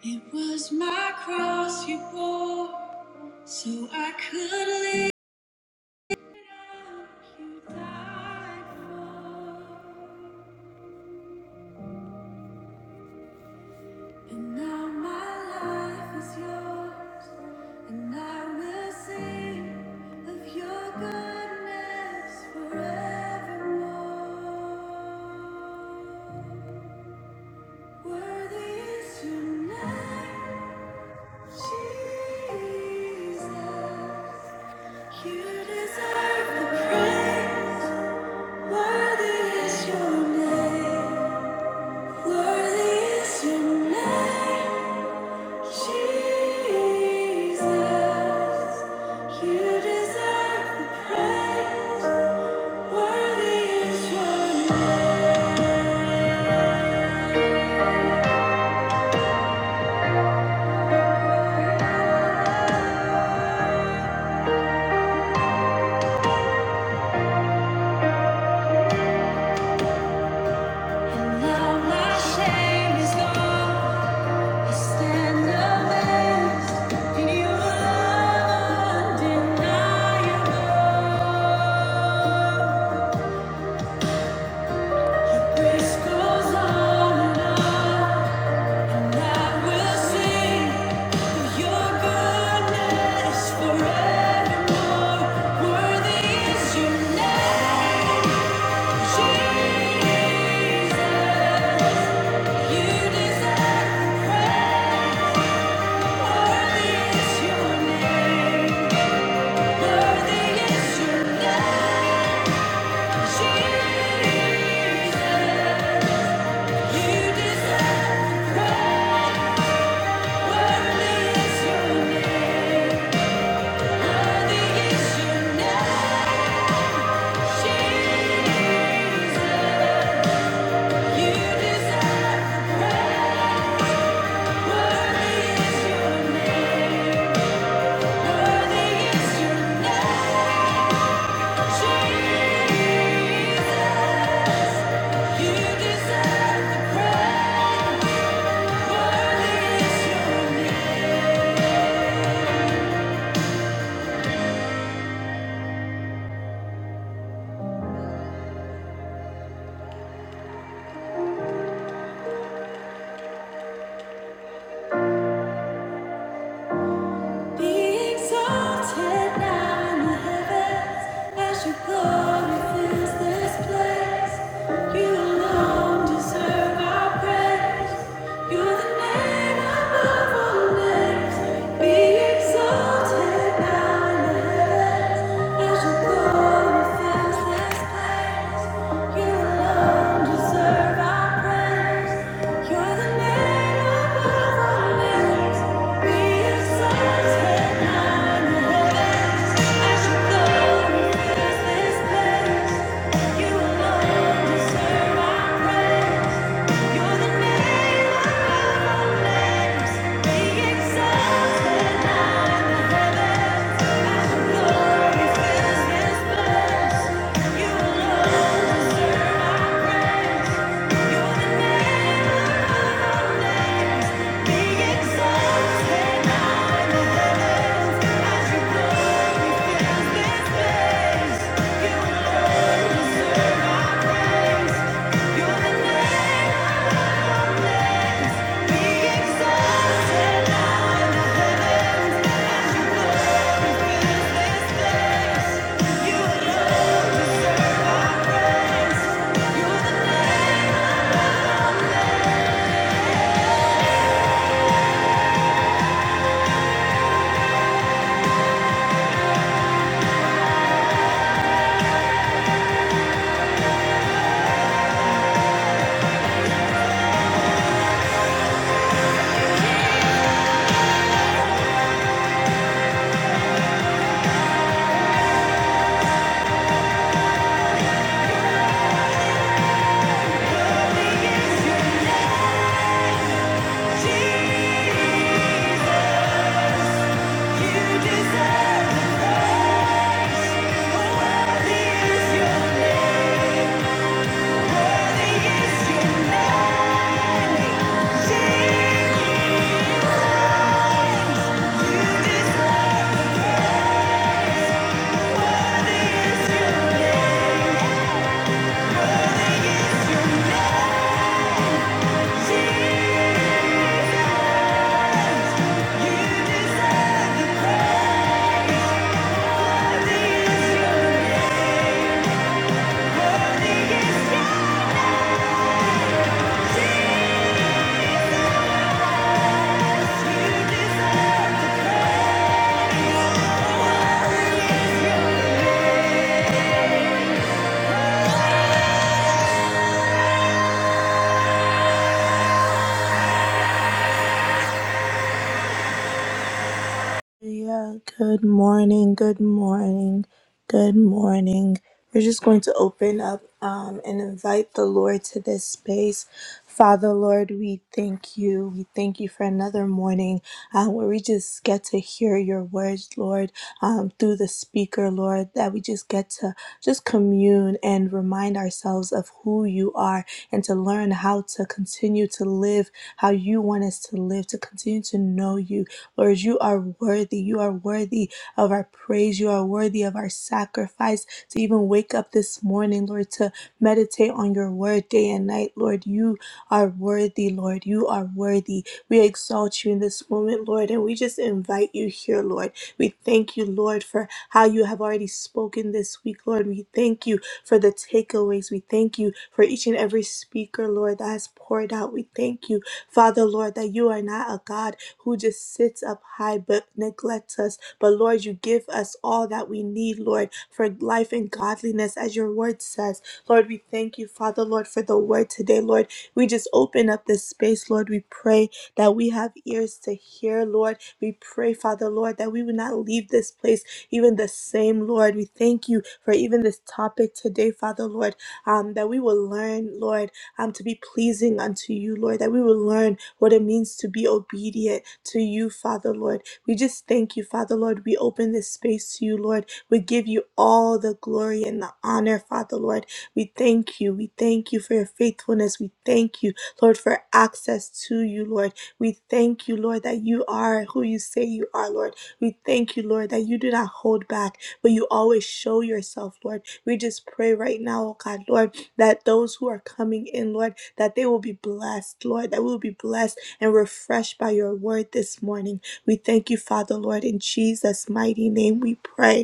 It was my cross you bore, so I could live. You died for, and now my life is yours, and I will sing of your goodness forevermore. Worthy is your name, Jesus. You deserve the praise. Worthy is your name. Worthy is your name. Jesus, you deserve the praise. Worthy is your name. Now my shame is gone. I stand amazed in your love undeniable. Your grace goes on and on. I will sing of your goodness forevermore. Worthy is your name, Jesus. You deserve the praise. Worthy is your name. Worthy is your name, Jesus. You deserve the praise. Worthy is your name. You deserve the praise. Worthy is your name. Be exalted now in the heavens as your glory fills this place. You alone deserve our praise. You're the name above all names. Be exalted now in the heavens as your glory. Thank you Exhaust. Yeah, good morning, good morning, good morning. We're just going to open up um, and invite the Lord to this space. Father, Lord, we thank you. We thank you for another morning uh, where we just get to hear your words, Lord, um, through the speaker, Lord, that we just get to just commune and remind ourselves of who you are and to learn how to continue to live how you want us to live, to continue to know you, Lord, you are worthy. You are worthy of our praise. You are worthy of our sacrifice to even wake up this morning, Lord, to meditate on your word day and night, Lord. You are worthy, Lord. You are worthy. We exalt you in this moment, Lord, and we just invite you here, Lord. We thank you, Lord, for how you have already spoken this week, Lord. We thank you for the takeaways. We thank you for each and every speaker, Lord, that has poured out. We thank you Father, Lord, that you are not a God who just sits up high but neglects us. But Lord, you give us all that we need, Lord, for life and godliness, as your word says. Lord, we thank you, Father, Lord, for the word today, Lord. We just open up this space, Lord. We pray that we have ears to hear, Lord. We pray, Father, Lord, that we would not leave this place even the same, Lord. We thank you for even this topic today, Father, Lord, um, that we will learn, Lord um, to be pleasing unto you, Lord, that we will learn what it means to be obedient to you, Father, Lord. We just thank you, Father, Lord. We open this space to you, Lord. We give you all the glory and the honor, Father, Lord. We thank you. We thank you for your faithfulness. We thank you, Lord, for access to you, Lord. We thank you, Lord, that you are who you say you are, Lord. We thank you, Lord, that you do not hold back, but you always show yourself, Lord. We just pray right now, oh God, Lord that those who are coming in, Lord, that they will be blessed, Lord, that we will be blessed and refreshed by your word this morning. We thank you, Father, Lord, in Jesus' mighty name we pray.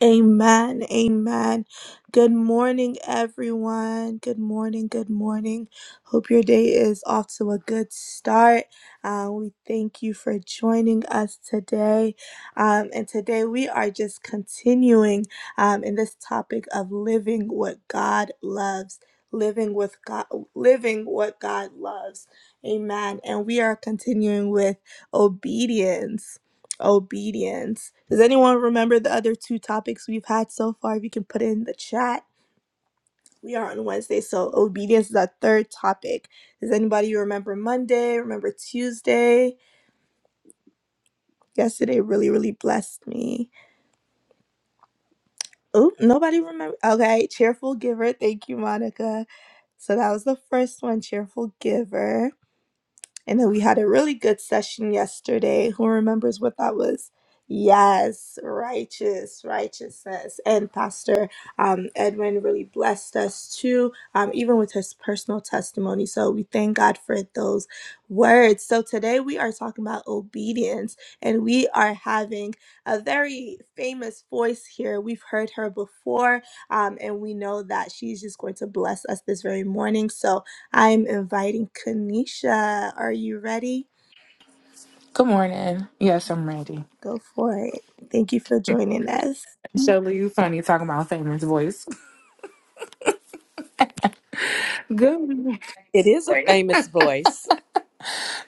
Amen. Amen. Good morning, everyone. Good morning. Good morning. Hope your day is off to a good start. Uh, we thank you for joining us today. Um, and today we are just continuing um, in this topic of living what God loves. Living with God, living what God loves. Amen. And we are continuing with obedience obedience. Does anyone remember the other two topics we've had so far? If you can put it in the chat. We are on Wednesday, so obedience is our third topic. Does anybody remember Monday? Remember Tuesday? Yesterday really, really blessed me. Oh, nobody remember. Okay, cheerful giver. Thank you, Monica. So that was the first one, cheerful giver. I know we had a really good session yesterday. Who remembers what that was? Yes, righteous, righteousness. And Pastor um, Edwin really blessed us too, um, even with his personal testimony. So we thank God for those words. So today we are talking about obedience, and we are having a very famous voice here. We've heard her before, um, and we know that she's just going to bless us this very morning. So I'm inviting Kanisha. Are you ready? Good morning. Yes, I'm Randy. Go for it. Thank you for joining us. Shelly, you funny talking about famous voice. Good morning. It is a famous voice.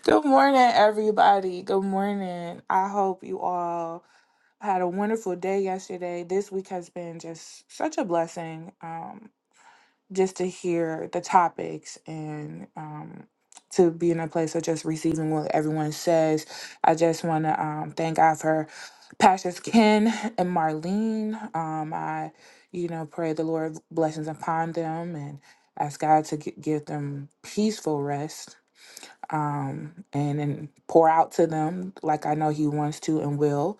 Good morning, everybody. Good morning. I hope you all had a wonderful day yesterday. This week has been just such a blessing. Um, just to hear the topics and um, to be in a place of just receiving what everyone says. I just want to um, thank God for Pastors Ken and Marlene. Um, I, you know, pray the Lord blessings upon them and ask God to gi- give them peaceful rest um, and, and pour out to them like I know He wants to and will.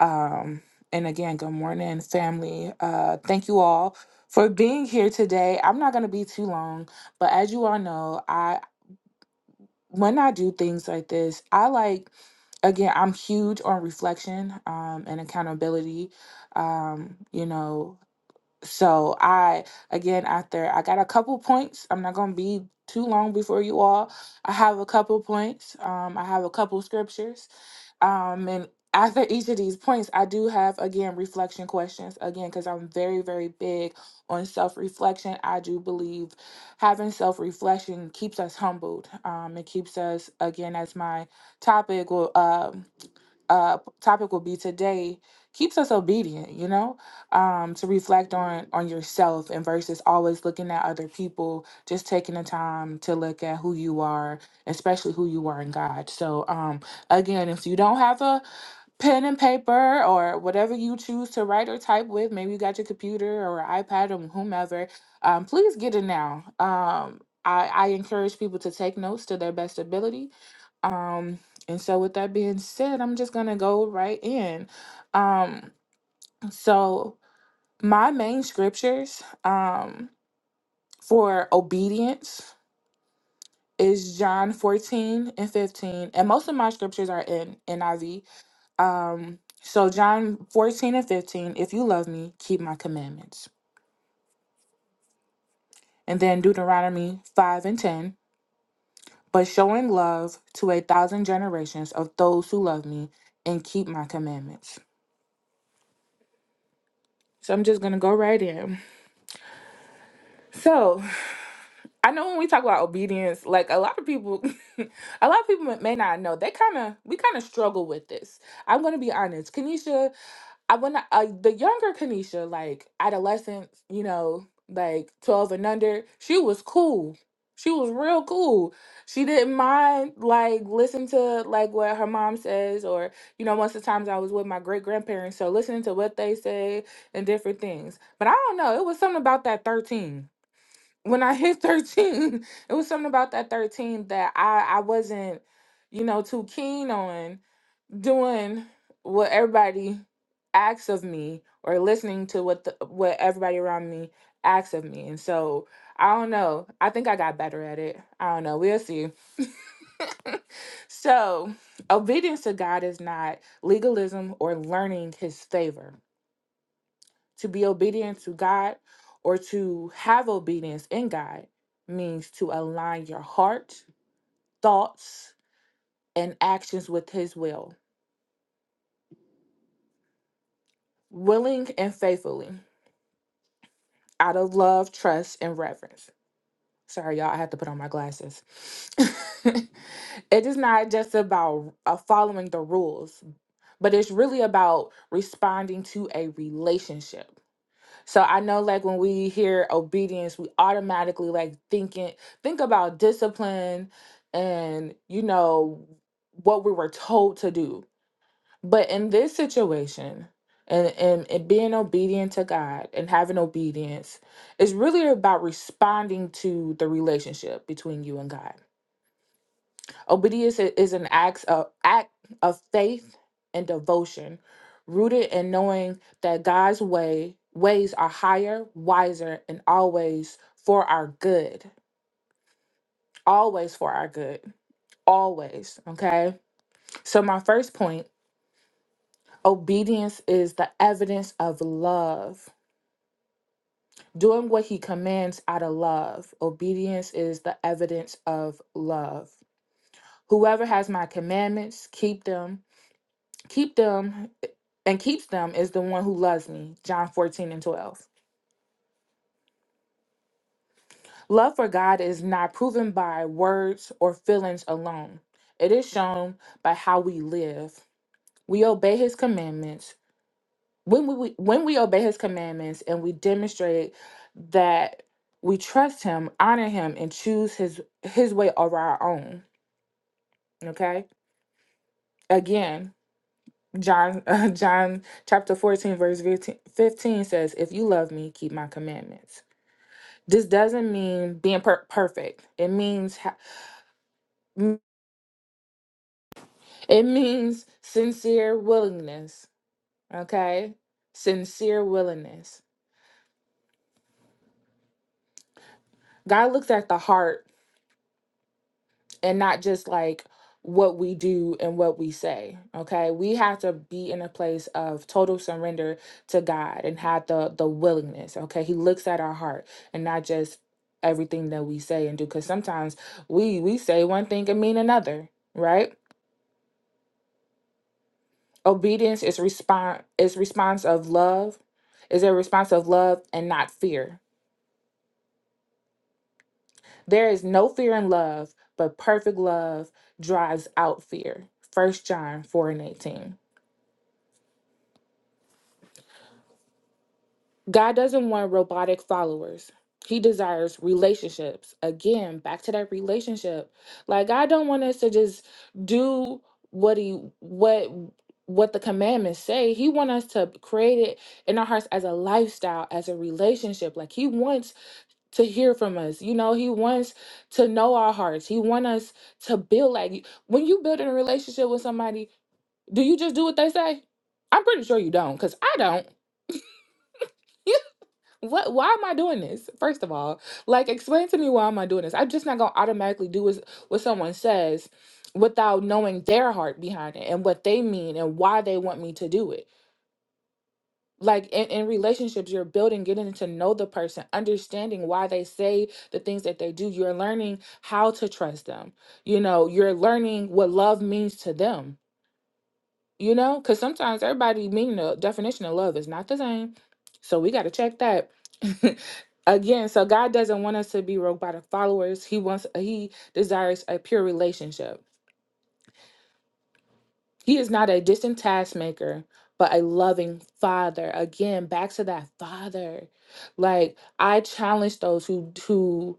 Um, and again, good morning, family. Uh, thank you all for being here today. I'm not going to be too long, but as you all know, I when I do things like this, I like again, I'm huge on reflection um, and accountability. Um, you know, so I again after I got a couple points. I'm not going to be too long before you all. I have a couple points. Um, I have a couple scriptures um, and after each of these points, I do have again reflection questions again because I'm very, very big on self reflection. I do believe having self reflection keeps us humbled. Um, it keeps us again as my topic. will uh p- topic will be today keeps us obedient you know um to reflect on on yourself and versus always looking at other people just taking the time to look at who you are especially who you are in god so um again if you don't have a pen and paper or whatever you choose to write or type with maybe you got your computer or ipad or whomever um please get it now um I, I encourage people to take notes to their best ability um, and so with that being said, I'm just gonna go right in. Um, so my main scriptures um for obedience is John 14 and 15. And most of my scriptures are in NIV. Um, so John 14 and 15, if you love me, keep my commandments. And then Deuteronomy 5 and 10, but showing love to a thousand generations of those who love me and keep my commandments. So I'm just gonna go right in. So I know when we talk about obedience, like a lot of people, a lot of people may not know. They kind of we kind of struggle with this. I'm gonna be honest, Kanisha. I when I, uh, the younger Kanisha, like adolescents, you know, like 12 and under, she was cool. She was real cool. She didn't mind like listen to like what her mom says, or you know, most of the times I was with my great grandparents, so listening to what they say and different things. But I don't know, it was something about that 13 when I hit 13, it was something about that 13 that I, I wasn't, you know, too keen on doing what everybody asks of me or listening to what the, what everybody around me asks of me. And so I don't know. I think I got better at it. I don't know. We'll see. so obedience to God is not legalism or learning his favor. To be obedient to God or to have obedience in God means to align your heart, thoughts, and actions with His will, willing and faithfully, out of love, trust, and reverence. Sorry, y'all, I had to put on my glasses. it is not just about uh, following the rules, but it's really about responding to a relationship. So I know like when we hear obedience, we automatically like thinking think about discipline and you know what we were told to do. But in this situation and, and, and being obedient to God and having obedience is really about responding to the relationship between you and God. Obedience i- is an act of, act of faith and devotion, rooted in knowing that God's way ways are higher, wiser, and always for our good. Always for our good. Always. Okay. So my first point: obedience is the evidence of love. Doing what he commands out of love. Obedience is the evidence of love. Whoever has my commandments, keep them keep them and keeps them is the one who loves me john 14 and 12 love for god is not proven by words or feelings alone it is shown by how we live we obey his commandments when we when we obey his commandments and we demonstrate that we trust him honor him and choose his his way over our own okay again john john chapter 14 verse 15 15 says if you love me keep my commandments this doesn't mean being per- perfect. It means ha- m- it means sincere willingness, okay? Sincere willingness. God looks at the heart and not just like what we do and what we say, okay? We have to be in a place of total surrender to God and have the the willingness, okay? He looks at our heart and not just everything that we say and do cuz sometimes we we say one thing and mean another, right? Obedience is response is response of love, is a response of love and not fear. There is no fear in love, but perfect love drives out fear. First John 4 and 18. God doesn't want robotic followers. He desires relationships. Again, back to that relationship. Like God don't want us to just do what he what what the commandments say. He want us to create it in our hearts as a lifestyle, as a relationship. Like he wants to hear from us. You know, he wants to know our hearts. He wants us to build like when you build a relationship with somebody, do you just do what they say? I'm pretty sure you don't, because I don't. what why am I doing this? First of all, like explain to me why am I doing this? I'm just not gonna automatically do what, what someone says without knowing their heart behind it and what they mean and why they want me to do it like in, in relationships you're building getting to know the person understanding why they say the things that they do you're learning how to trust them you know you're learning what love means to them you know because sometimes everybody meaning the definition of love is not the same so we got to check that again so god doesn't want us to be robotic followers he wants he desires a pure relationship He is not a distant taskmaker, but a loving father. Again, back to that father. Like I challenge those who who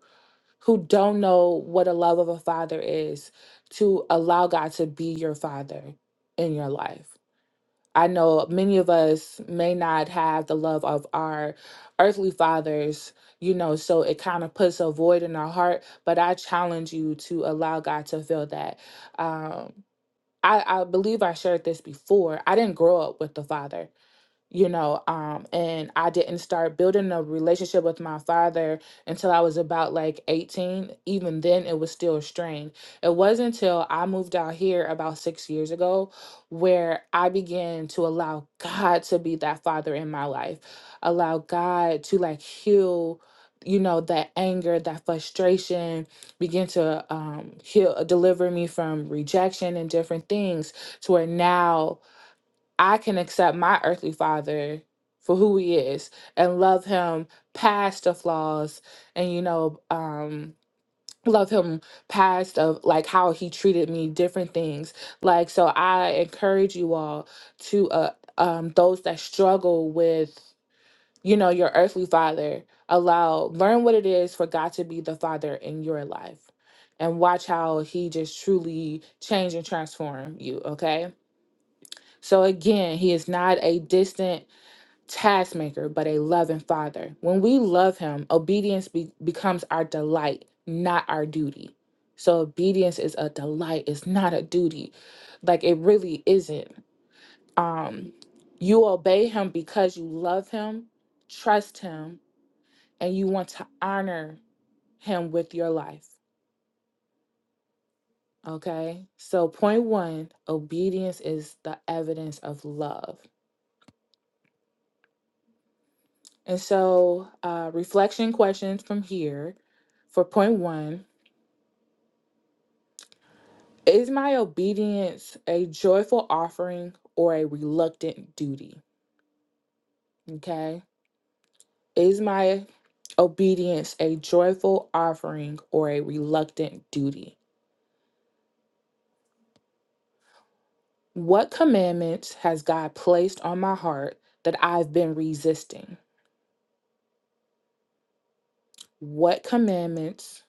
who don't know what a love of a father is to allow God to be your father in your life. I know many of us may not have the love of our earthly fathers, you know, so it kind of puts a void in our heart. But I challenge you to allow God to fill that. Um I, I believe I shared this before. I didn't grow up with the father you know um and i didn't start building a relationship with my father until i was about like 18 even then it was still strained it wasn't until i moved out here about six years ago where i began to allow god to be that father in my life allow god to like heal you know that anger that frustration begin to um heal deliver me from rejection and different things to where now I can accept my earthly father for who he is and love him past the flaws and you know um love him past of like how he treated me different things like so i encourage you all to uh um those that struggle with you know your earthly father allow learn what it is for god to be the father in your life and watch how he just truly change and transform you okay so again, he is not a distant taskmaker, but a loving father. When we love him, obedience be- becomes our delight, not our duty. So obedience is a delight, it's not a duty. Like it really isn't. Um you obey him because you love him, trust him, and you want to honor him with your life. Okay? So point 1, obedience is the evidence of love. And so, uh, reflection questions from here for point one Is my obedience a joyful offering or a reluctant duty? Okay. Is my obedience a joyful offering or a reluctant duty? What commandments has God placed on my heart that I've been resisting? What commandments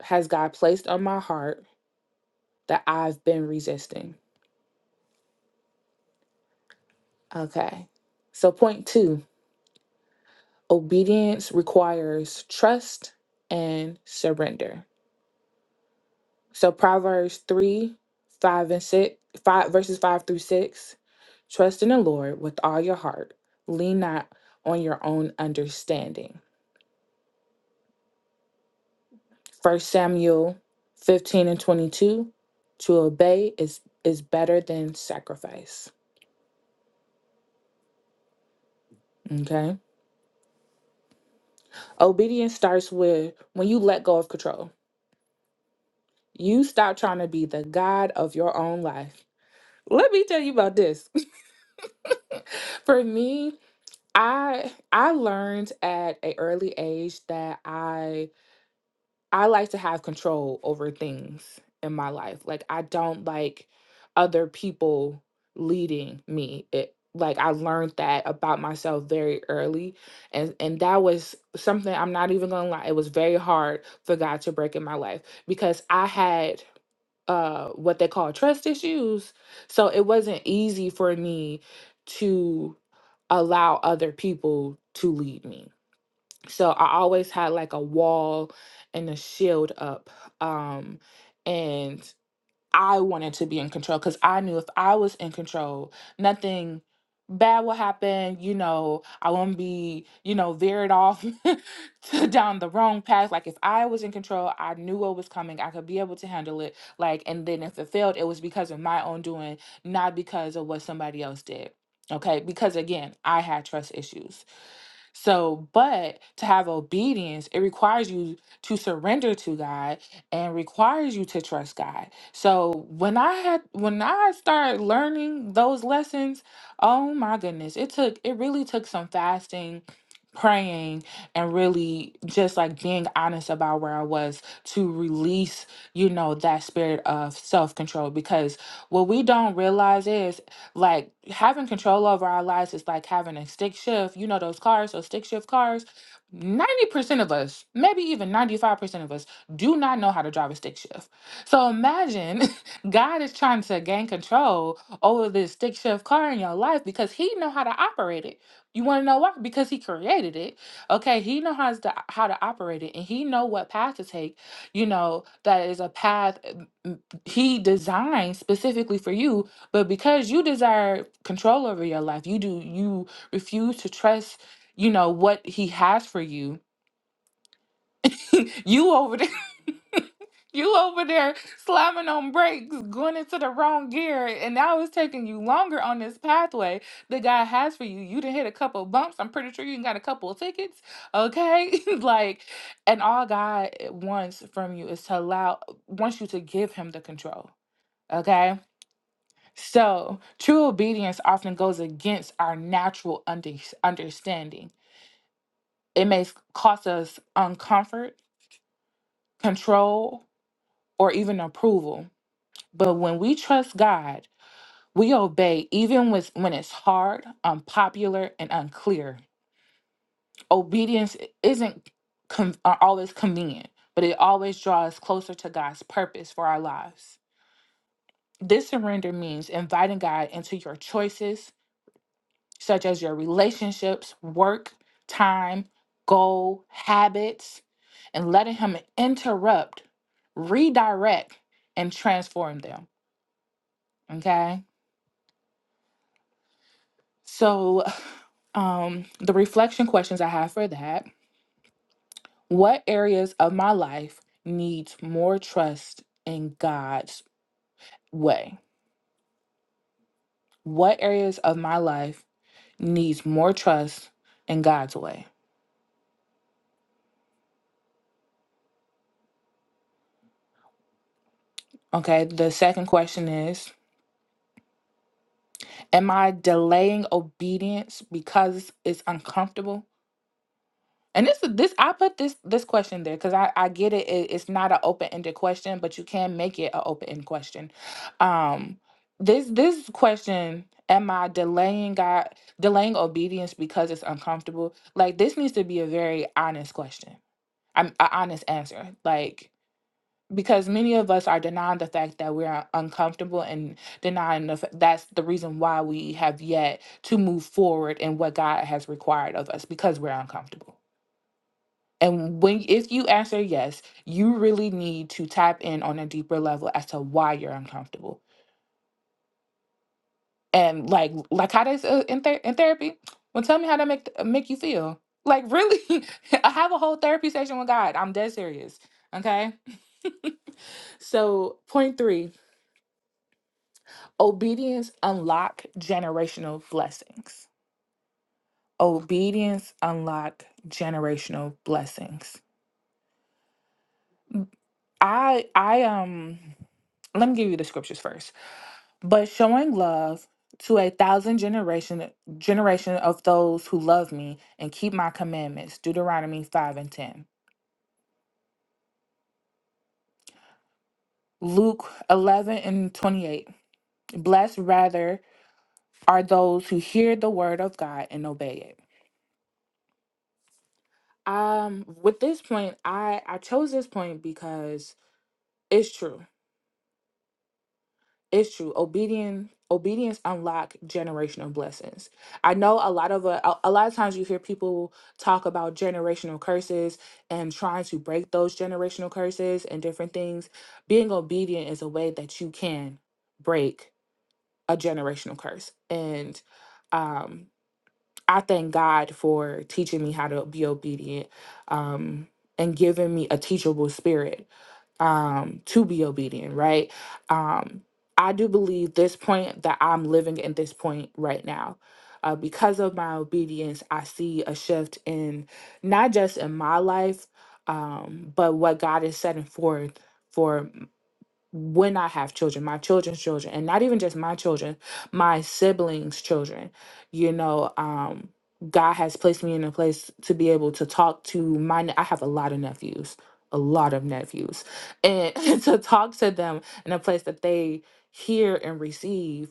has God placed on my heart that I've been resisting? Okay. So, point two Obedience requires trust and surrender. So Proverbs 3, 5 and 6, 5 verses 5 through 6. Trust in the Lord with all your heart. Lean not on your own understanding. First Samuel 15 and 22. To obey is is better than sacrifice. Okay? Obedience starts with when you let go of control. You stop trying to be the god of your own life. Let me tell you about this. For me, I I learned at a early age that I I like to have control over things in my life. Like I don't like other people leading me. It like I learned that about myself very early and and that was something I'm not even going to lie. It was very hard for God to break in my life because I had uh what they call trust issues so it wasn't easy for me to allow other people to lead me so i always had like a wall and a shield up um and I wanted to be in control because I knew if I was in control, nothing bad will happen. You know, I won't be, you know, veered off to down the wrong path. Like if I was in control, I knew what was coming. I could be able to handle it. Like, and then if it failed, it was because of my own doing, not because of what somebody else did. Okay. Because again, I had trust issues. So, but to have obedience, it requires you to surrender to God and requires you to trust God. So, when I had when I started learning those lessons, oh my goodness, it took it really took some fasting, praying, and really just like being honest about where I was to release, you know, that spirit of self-control because what we don't realize is like having control over our lives is like having a stick shift. You know those cars, those stick shift cars. 90% of us, maybe even 95% of us, do not know how to drive a stick shift. So imagine God is trying to gain control over this stick shift car in your life because he know how to operate it. You want to know why? Because he created it. Okay, he know how to how to operate it and he know what path to take. You know, that is a path mm, mm, he designed specifically for you but because you desire control over your life, you do you refuse to trust, you know, what he has for you. you over there you over there slamming on brakes, going into the wrong gear, and now it's taking you longer on this pathway that God has for you. You done hit a couple bumps. I'm pretty sure you done got a couple of tickets. Okay. like, and all God wants from you is to allow wants you to give him the control. Okay So, true obedience often goes against our natural under- understanding. It may s- cost us uncomfort, control, or even approval. But when we trust God, we obey even with, when it's hard, unpopular, and unclear. Obedience i- isn't con- uh, always convenient, but it always draws us closer to God's purpose for our lives. This surrender means inviting God into your choices, such as your relationships, work, time, goal, habits, and letting Him interrupt, redirect, and transform them. Okay. So, um, the reflection questions I have for that what areas of my life needs more trust in God's way? What areas of my life needs more trust in God's way? Okay. The second question is Am I delaying obedience because it's uncomfortable? And this this I put this this question there because I I get it, it- It's not an open ended question, but you can make it an open end question. Um, this this question: Am I delaying God delaying obedience because it's uncomfortable? Like this needs to be a very honest question. I'm an honest answer. Like because many of us are denying the fact that we are uncomfortable and denying the f- that's the reason why we have yet to move forward in what God has required of us because we're uncomfortable. And when if you answer yes, you really need to tap in on a deeper level as to why you're uncomfortable. And like like how does uh, in, ther- in therapy, well tell me how that make make you feel. Like really, I have a whole therapy session with God. I'm dead serious. Okay? So, point 3 Obedience unlock generational blessings. Obedience unlock generational blessings. I I um let me give you the scriptures first. But showing love to a thousand generation generation of those who love me and keep my commandments. Deuteronomy 5 and 10. Luke 11 and 28. Blessed rather are those who hear the word of God and obey it. Um with this point I I chose this point because It's true. It's true. Obedience obedience unlock generational blessings. I know a lot of uh, a, a lot of times you hear people talk about generational curses and trying to break those generational curses and different things. Being obedient is a way that you can break a generational curse. And um I thank God for teaching me how to be obedient um and giving me a teachable spirit um, to be obedient, right? Um, I do believe this point that I'm living in this point right now. Uh, because of my obedience, I see a shift in not just in my life, um, but what God is setting forth for when I have children, my children's children, and not even just my children, my siblings' children. You know, um, God has placed me in a place to be able to talk to my. ne- I have a lot of nephews, a lot of nephews, and to talk to them in a place that they hear and receive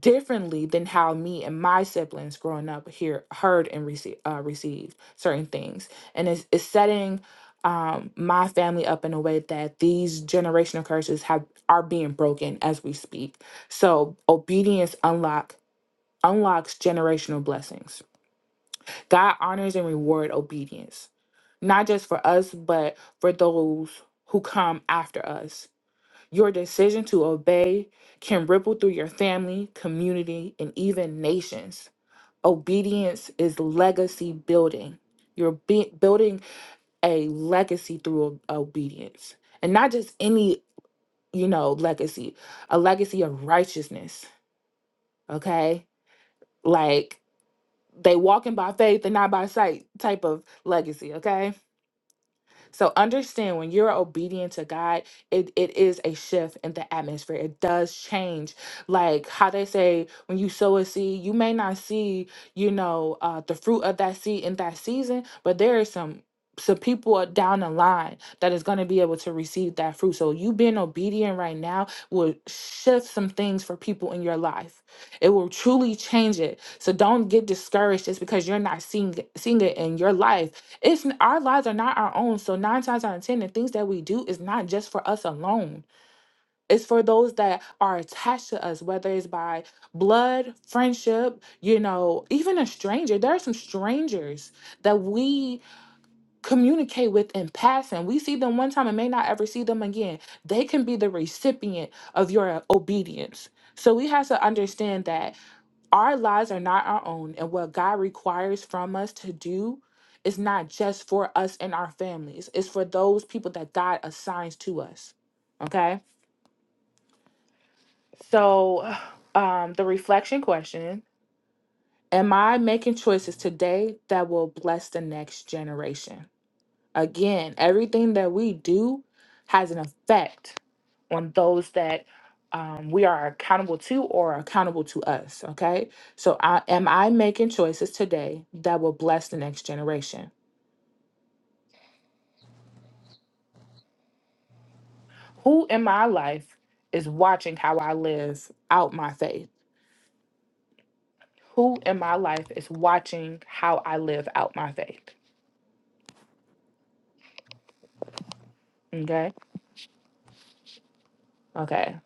differently than how me and my siblings growing up here heard and received uh, received certain things and it's, it's setting um, my family up in a way that these generational curses have are being broken as we speak so obedience unlock unlocks generational blessings god honors and reward obedience not just for us but for those who come after us your decision to obey can ripple through your family, community, and even nations. Obedience is legacy building. You're be- building a legacy through o- obedience, and not just any, you know, legacy, a legacy of righteousness, okay? Like they walking by faith and not by sight type of legacy, okay? So understand when you're obedient to God, it, it is a shift in the atmosphere. It does change. Like how they say, when you sow a seed, you may not see, you know, uh, the fruit of that seed in that season, but there is some some people down the line that is going to be able to receive that fruit. So you being obedient right now will shift some things for people in your life. It will truly change it. So don't get discouraged just because you're not seeing seeing it in your life it's n- our lives are not our own. So nine times out of ten, the things that we do is not just for us alone. It's for those that are attached to us, whether it's by blood, friendship, you know, even a stranger. There are some strangers that we communicate with in passing. We see them one time and may not ever see them again. They can be the recipient of your obedience. So we have to understand that our lives are not our own, and what God requires from us to do is not just for us and our families, it's for those people that God assigns to us. Okay? So, um, the reflection question Am I making choices today that will bless the next generation? Again, everything that we do has an effect on those that um, we are accountable to or are accountable to us. Okay. So, I, am I making choices today that will bless the next generation? Who in my life is watching how I live out my faith? Who in my life is watching how I live out my faith? Okay. Okay.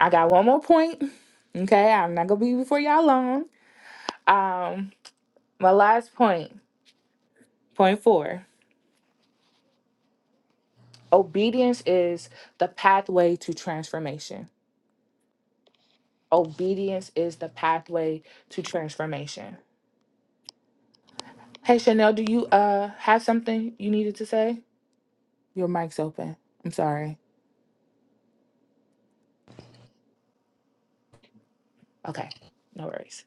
I got one more point. Okay. I'm not going to be before y'all long. Um, my last point Point four obedience is the pathway to transformation. Obedience is the pathway to transformation. Hey, Chanel, do you uh have something you needed to say? Your mic's open. I'm sorry. Okay, no worries.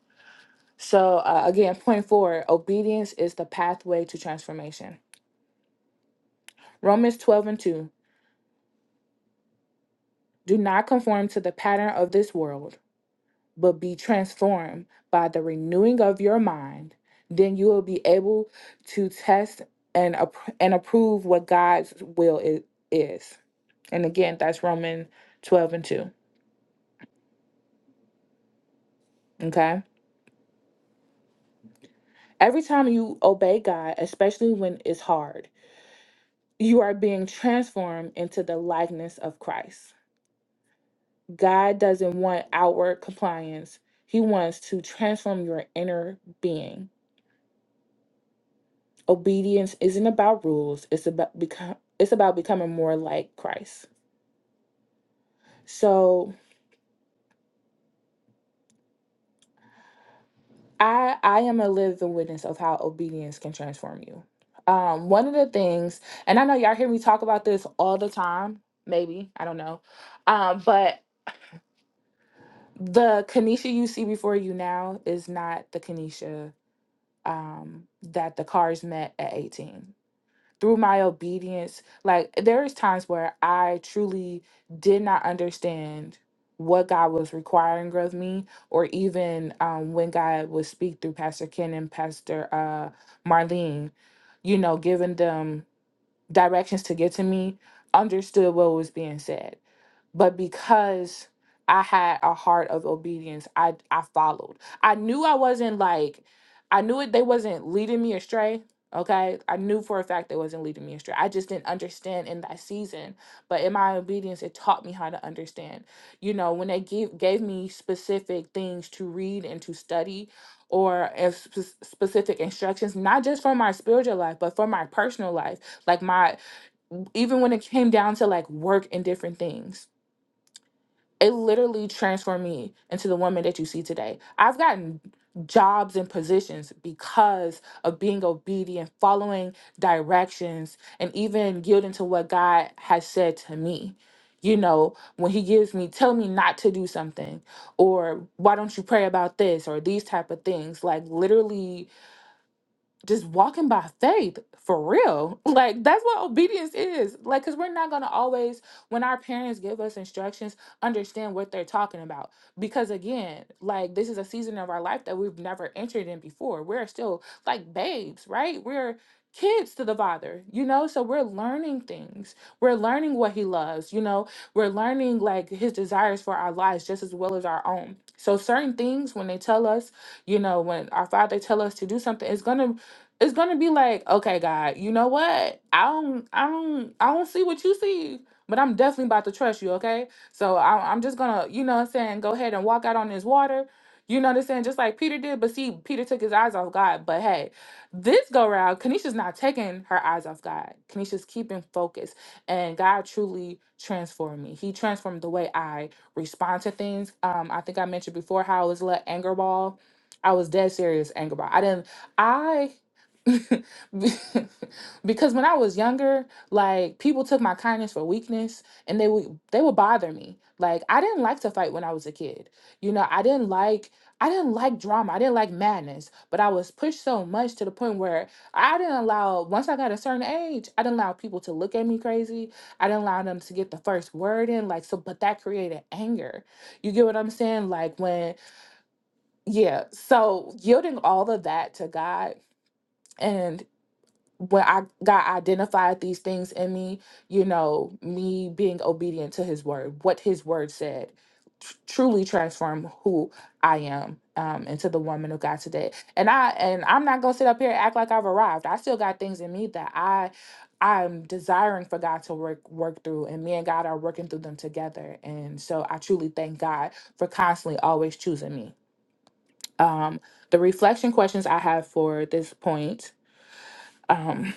So, uh, again, point four obedience is the pathway to transformation. Romans 12 and 2. Do not conform to the pattern of this world but be transformed by the renewing of your mind, then you will be able to test and appro- and approve what God's will i- is. And again, that's Romans 12 and 2. Okay? Every time you obey God, especially when it's hard, you are being transformed into the likeness of Christ. God doesn't want outward compliance. He wants to transform your inner being obedience isn't about rules it's about become it's about becoming more like christ so i i am a living witness of how obedience can transform you um one of the things and i know y'all hear me talk about this all the time maybe i don't know um but the kanisha you see before you now is not the kanisha um that the cars met at 18 through my obedience like there is times where i truly did not understand what god was requiring of me or even um, when god would speak through pastor ken and pastor uh, marlene you know giving them directions to get to me understood what was being said but because I had a heart of obedience, I I followed. I knew I wasn't like I knew it they wasn't leading me astray. Okay. I knew for a fact they wasn't leading me astray. I just didn't understand in that season. But in my obedience, it taught me how to understand. You know, when they gave gave me specific things to read and to study or if sp- specific instructions, not just for my spiritual life, but for my personal life. Like my even when it came down to like work and different things it literally transformed me into the woman that you see today. I've gotten jobs and positions because of being obedient, following directions, and even yielding to what God has said to me. You know, when he gives me, tell me not to do something, or why don't you pray about this, or these type of things. Like literally, just walking by faith for real. Like that's what obedience is. Like cuz we're not going to always when our parents give us instructions understand what they're talking about because again, like this is a season of our life that we've never entered in before. We're still like babes, right? We're kids to the father, you know? So we're learning things. We're learning what he loves, you know? We're learning like his desires for our lives just as well as our own. So certain things when they tell us you know when our father tell us to do something it's gonna it's gonna be like, okay, God, you know what? I don't, I don't, I don't see what you see, but I'm definitely about to trust you, okay? So I, I'm just gonna, you know what I'm saying, go ahead and walk out on this water. You know what I'm saying? Just like Peter did, but see, Peter took his eyes off God. But hey, this go round, Kanisha's not taking her eyes off God. Kanisha's keeping focus. And God truly transformed me. He transformed the way I respond to things. Um, I think I mentioned before how I was a little anger ball. I was dead serious anger ball. I didn't. I Be- because when I was younger, like people took my kindness for weakness and they would they would bother me. Like I didn't like to fight when I was a kid. You know, I didn't like I didn't like drama. I didn't like madness, but I was pushed so much to the point where I didn't allow once I got a certain age, I didn't allow people to look at me crazy. I didn't allow them to get the first word in like so but that created anger. You get what I'm saying? Like when yeah, so yielding all of that to God and when I God identified these things in me, you know, me being obedient to his word, what his word said, tr- truly transform who I am um, into the woman of God today. And I and I'm not gonna sit up here and act like I've arrived. I still got things in me that I I'm desiring for God to work work through, and me and God are working through them together. And so I truly thank God for constantly always choosing me. Um, the reflection questions I have for this point. Um,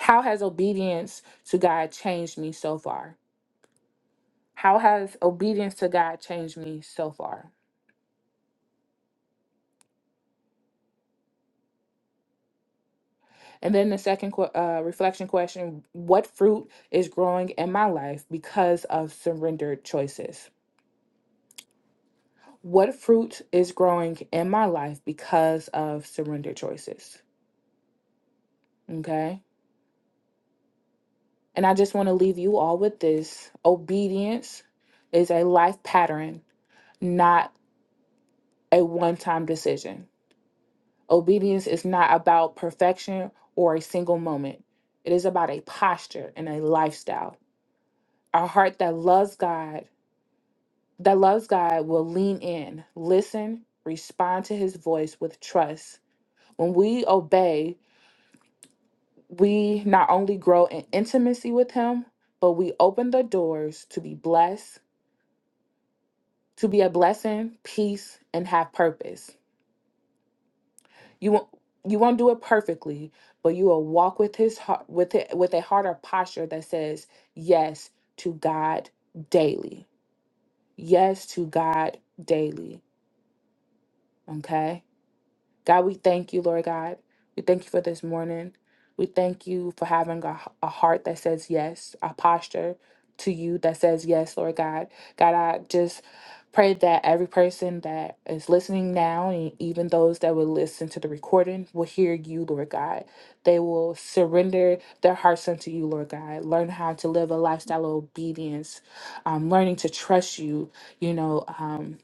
how has obedience to God changed me so far? How has obedience to God changed me so far? And then the second que- uh, reflection question What fruit is growing in my life because of surrendered choices? What fruit is growing in my life because of surrendered choices? Okay. And I just want to leave you all with this obedience is a life pattern, not a one time decision. Obedience is not about perfection or a single moment. It is about a posture and a lifestyle. A heart that loves God, that loves God will lean in, listen, respond to his voice with trust. When we obey, we not only grow in intimacy with him, but we open the doors to be blessed, to be a blessing, peace, and have purpose. You won't you won't do it perfectly, but you will walk with his heart with it with a heart or posture that says yes to God daily. Yes to God daily. Okay? God, we thank you, Lord God. We thank you for this morning. We thank you for having a, a heart that says yes, a posture to you that says yes, Lord God. God, I just pray that every person that is listening now and even those that will listen to the recording will hear you, Lord God. They will surrender their hearts unto you, Lord God. Learn how to live a lifestyle of obedience, um, learning to trust you, you know. Um,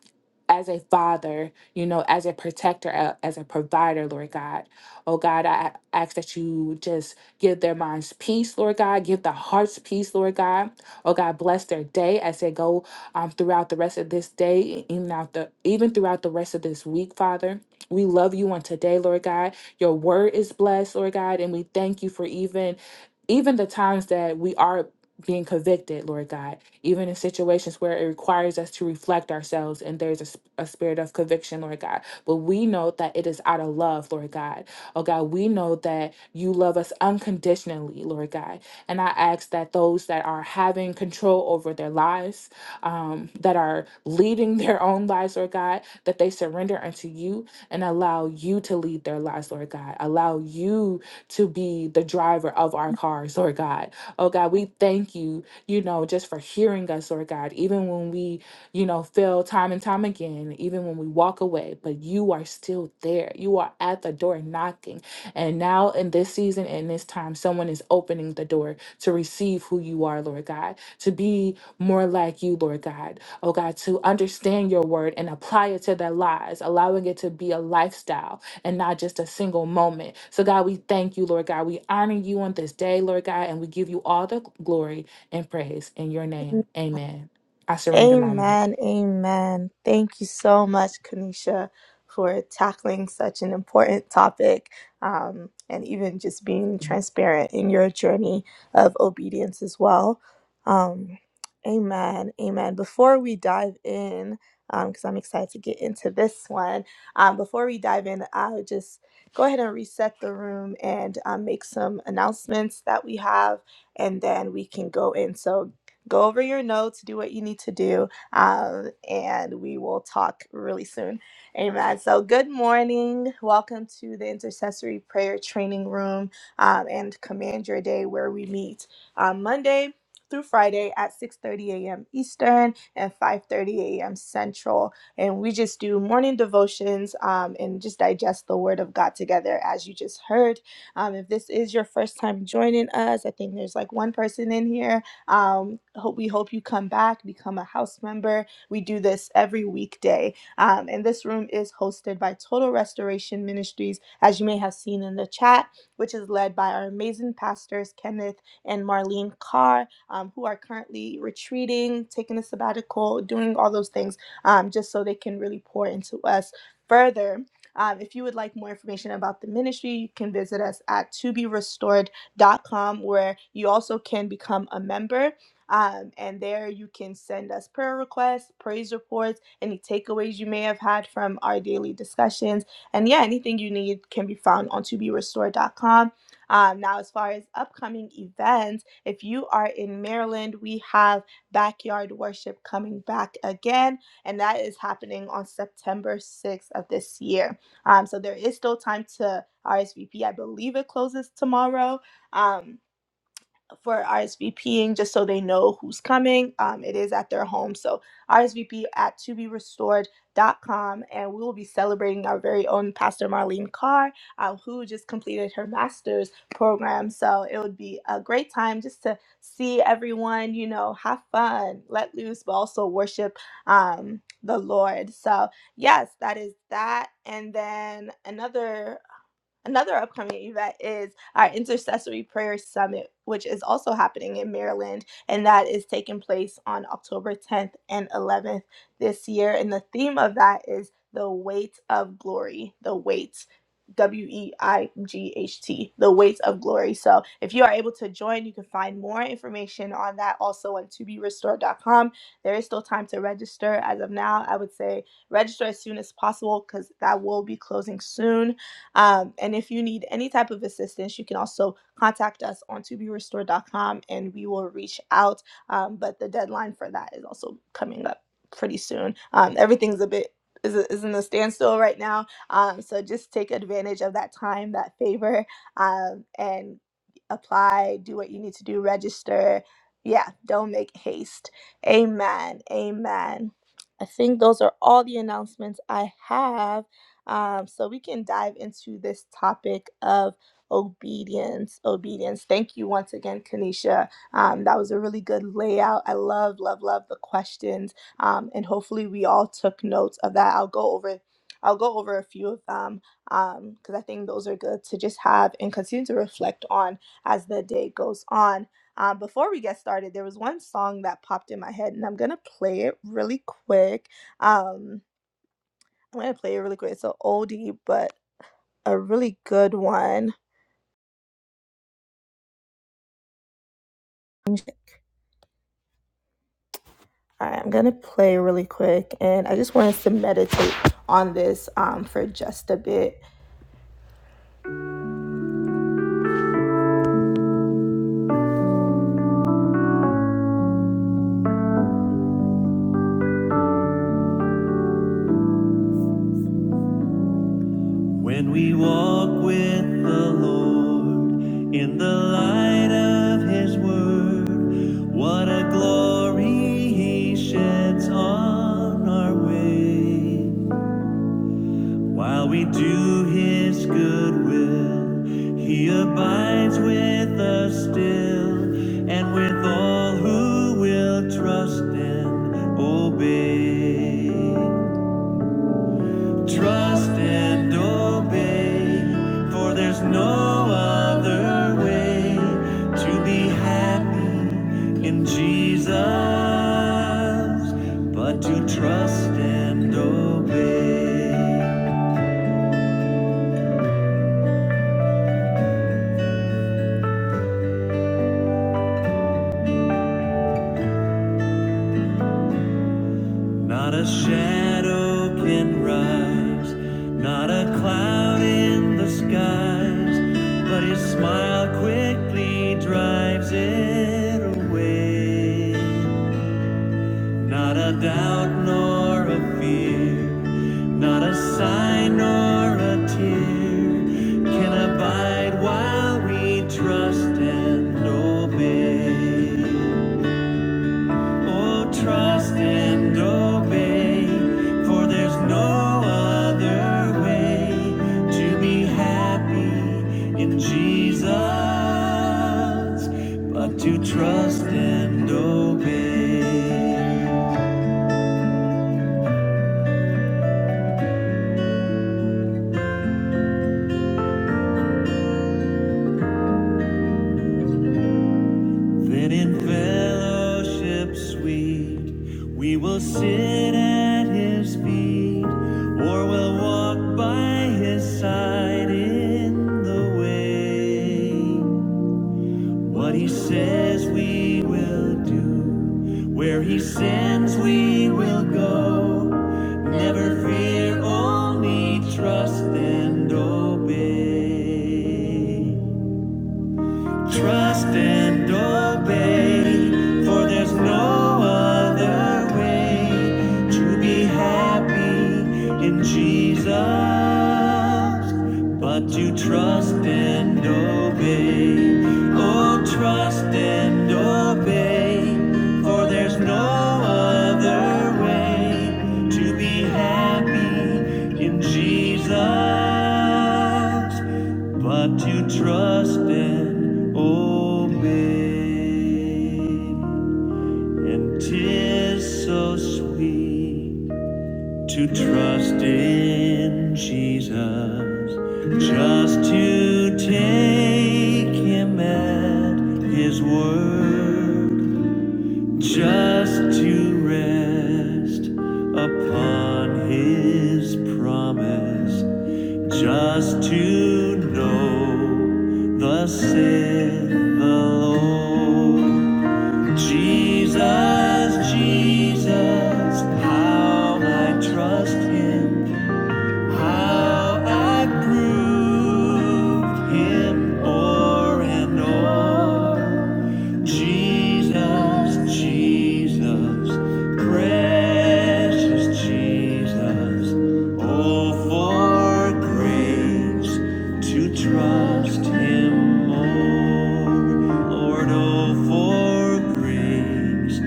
as a father, you know, as a protector, a- as a provider, Lord God. Oh God, I ask that you just give their minds peace, Lord God. Give the hearts peace, Lord God. Oh God, bless their day as they go um, throughout the rest of this day, e, even out the even throughout the rest of this week, Father. We love you on today, Lord God. Your word is blessed, Lord God, and we thank you for even even the times that we are being convicted, Lord God even in situations where it requires us to reflect ourselves and there's a, sp- a spirit of conviction, Lord God. But we know that it is out of love, Lord God. Oh God, we know that you love us unconditionally, Lord God. And I ask that those that are having control over their lives, um, that are leading their own lives, Lord God, that they surrender unto you and allow you to lead their lives, Lord God. Allow you to be the driver of our cars, Lord God. Oh God, we thank you you know, just for hearing us, Lord God, even when we, you know, fail time and time again, even when we walk away, but you are still there. You are at the door knocking. And now, in this season and this time, someone is opening the door to receive who you are, Lord God, to be more like you, Lord God. Oh God, to understand your word and apply it to their lives, allowing it to be a lifestyle and not just a single moment. So, God, we thank you, Lord God. We honor you on this day, Lord God, and we give you all the glory and praise in your name. Amen. I surrender my mic. Amen. Amen. Thank you so much, Kanisha, for tackling such an important topic um, and even just being transparent in your journey of obedience as well. Um, amen. Amen. Before we dive in, because I'm excited to get into this one, um, before we dive in, I'll just go ahead and reset the room and um, make some announcements that we have, and then we can go in. So, Go over your notes, do what you need to do, um, and we will talk really soon. Amen. So, good morning. Welcome to the Intercessory Prayer Training Room um, and Command Your Day, where we meet um, Monday through Friday at 6:30 a.m. Eastern and 5:30 a.m. Central, and we just do morning devotions um, and just digest the Word of God together, as you just heard. Um, if this is your first time joining us, I think there's like one person in here um, hope we hope you come back, become a house member. We do this every weekday, um, and this room is hosted by Total Restoration Ministries, as you may have seen in the chat, which is led by our amazing pastors Kenneth and Marlene Carr, um, who are currently retreating, taking a sabbatical, doing all those things, um, just so they can really pour into us further. Um, if you would like more information about the ministry, you can visit us at To Be Restored com, where you also can become a member. Um, and there you can send us prayer requests, praise reports, any takeaways you may have had from our daily discussions. And yeah, anything you need can be found on to be restored dot com. Um, now, as far as upcoming events, if you are in Maryland, we have Backyard Worship coming back again, and that is happening on September 6th of this year. Um, so there is still time to RSVP. I believe it closes tomorrow um, for RSVPing just so they know who's coming. Um, it is at their home. So RSVP at to be restored dot com, And we will be celebrating our very own Pastor Marlene Carr, um, who just completed her master's program. So it would be a great time just to see everyone, you know, have fun, let loose, but also worship um, the Lord. So, yes, that is that. And then another. Another upcoming event is our Intercessory Prayer Summit, which is also happening in Maryland, and that is taking place on October 10th and 11th this year. And the theme of that is the weight of glory, the weight. W E I G H T, the weight of glory. So, if you are able to join, you can find more information on that also on toberestored.com. There is still time to register as of now. I would say register as soon as possible because that will be closing soon um, and if you need any type of assistance, you can also contact us on to be restored. dot com, and we will reach out. Um, but the deadline for that is also coming up pretty soon. Um, everything's a bit is, is in a standstill right now. Um, so just take advantage of that time, that favor, um, and apply, do what you need to do, register. Yeah, don't make haste. Amen. Amen. I think those are all the announcements I have. Um, so we can dive into this topic of obedience. Obedience. Thank you once again, Kanisha. Um, that was a really good layout. I love, love, love the questions, um, and hopefully we all took notes of that. I'll go over. I'll go over a few of them because I think those are good to just have and continue to reflect on as the day goes on. Um, before we get started, there was one song that popped in my head, and I'm gonna play it really quick. Um, I'm gonna play it really quick. It's an oldie, but a really good one. Alright, I'm gonna play really quick, and I just want us to meditate on this um for just a bit. When we walk with the Lord in the light of His Word, what a glory He sheds on our way. While we do his good will, he abides with us still, and with all who will trust and obey. Trust and obey, for there's no other way to be happy in Jesus but to trust and obey. Not a shadow can rise, not a cloud in the skies, but his smile quickly drives it away. Not a doubt nor a fear, not a sign nor a tear can abide while we trust and obey. Oh, trust and obey, for there's no other way to be happy in Jesus but to trust and obey. Then in fellowship sweet, we will sit at his feet, or we'll walk by his side in the way. What he says we will do, where he sends we will go. Never fear, only trust and obey. Trust and obey, for there's no other way to be happy in Jesus but to trust and obey. Oh, trust and obey, for there's no other way to be happy in Jesus but to trust and obey. And 'tis so sweet to trust in Jesus, just to take him at his word, just to rest upon his promise just to know the said the Lord Jesus, Jesus, how I trust Him, how I prove Him o'er and o'er. Jesus, Jesus, precious Jesus, oh, for grace to trust Him more. Lord, oh, for grace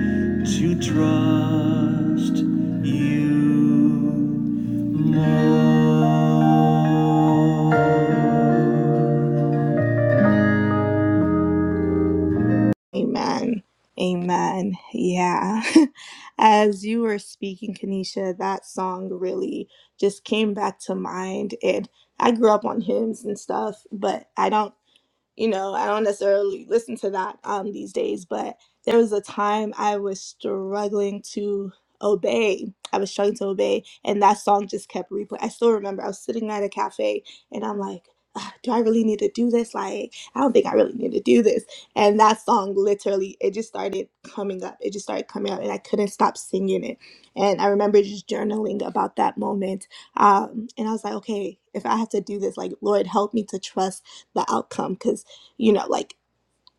to trust You more. Amen. Amen. Yeah. As you were speaking, Kanisha, that song really just came back to mind. And I grew up on hymns and stuff, but I don't you know, I don't necessarily listen to that um, these days, but there was a time I was struggling to obey. I was struggling to obey, and that song just kept replaying. I still remember I was sitting at a cafe, and I'm like, "Ah, do I really need to do this? Like, I don't think I really need to do this. And that song literally, it just started coming up. It just started coming up, and I couldn't stop singing it. And I remember just journaling about that moment. Um, and I was like, okay, if I have to do this, like, Lord, help me to trust the outcome. because." you know like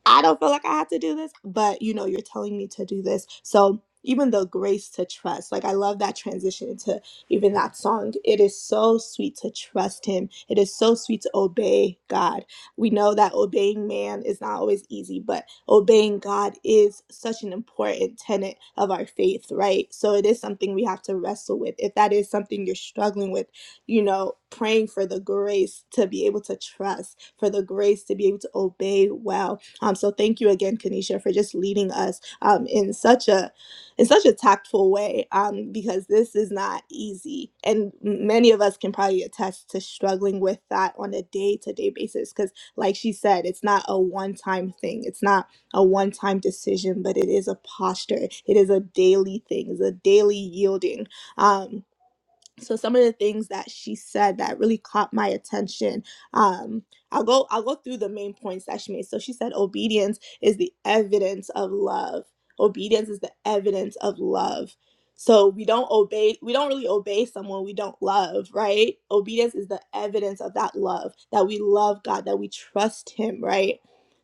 I don't feel like I have to do this, but you know, you're telling me to do this. So even the grace to trust, like I love that transition into even that song. It is so sweet to trust him. It is so sweet to obey God. We know that obeying man is not always easy, but obeying God is such an important tenet of our faith, right? So it is something we have to wrestle with. If that is something you're struggling with, you know, praying for the grace to be able to trust, for the grace to be able to obey well um, so thank you again, Kanisha, for just leading us um, in such a in such a tactful way um, because this is not easy, and many of us can probably attest to struggling with that on a day to day basis. Because, like she said, it's not a one time thing. It's not a one time decision, but it is a posture. It is a daily thing. It's a daily yielding. Um, so some of the things that she said that really caught my attention um i'll go i'll go through the main points that she made so she said obedience is the evidence of love obedience is the evidence of love so we don't obey we don't really obey someone we don't love right obedience is the evidence of that love that we love god that we trust him right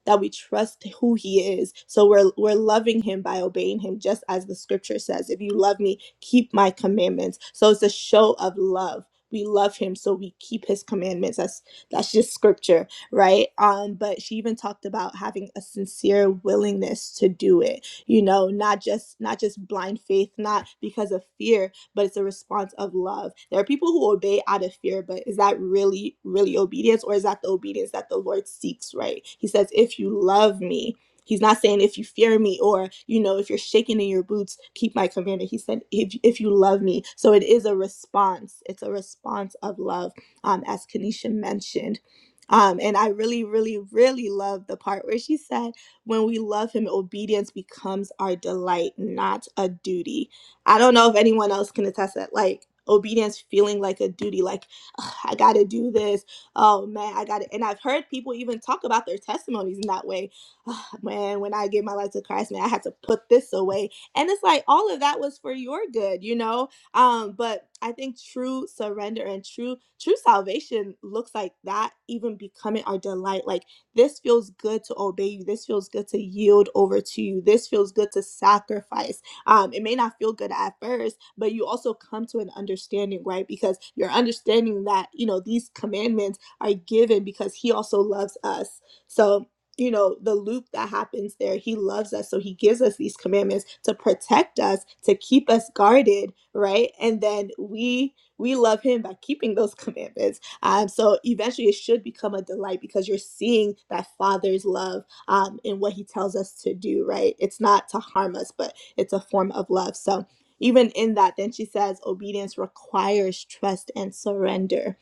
that we trust who he is so we're we're loving him by obeying him just as the scripture says if you love me keep my commandments. So it's a show of love. We love him, so we keep his commandments. That's that's just scripture, right? Um, but she even talked about having a sincere willingness to do it. You know, not just not just blind faith, not because of fear, but it's a response of love. There are people who obey out of fear, but is that really really obedience, or is that the obedience that the Lord seeks? Right? He says, "If you love me, He's not saying if you fear me or you know if you're shaking in your boots, keep my commandment. He said if if you love me. So it is a response. It's a response of love, um, as Kanisha mentioned. Um, and I really, really, really love the part where she said, when we love him, obedience becomes our delight, not a duty. I don't know if anyone else can attest that like obedience feeling like a duty, like "Ugh, I gotta do this. Oh man, I got it. and I've heard people even talk about their testimonies in that way oh, man, when I gave my life to Christ, man, I had to put this away. And it's like all of that was for your good, you know? Um, but I think true surrender and true true salvation looks like that even becoming our delight. Like this feels good to obey you. This feels good to yield over to you. This feels good to sacrifice. Um, it may not feel good at first, but you also come to an understanding, right? Because you're understanding that, you know, these commandments are given because he also loves us. So you know the loop that happens there he loves us so he gives us these commandments to protect us to keep us guarded right and then we we love him by keeping those commandments um, so eventually it should become a delight because you're seeing that father's love um, in what he tells us to do right it's not to harm us but it's a form of love so even in that then she says obedience requires trust and surrender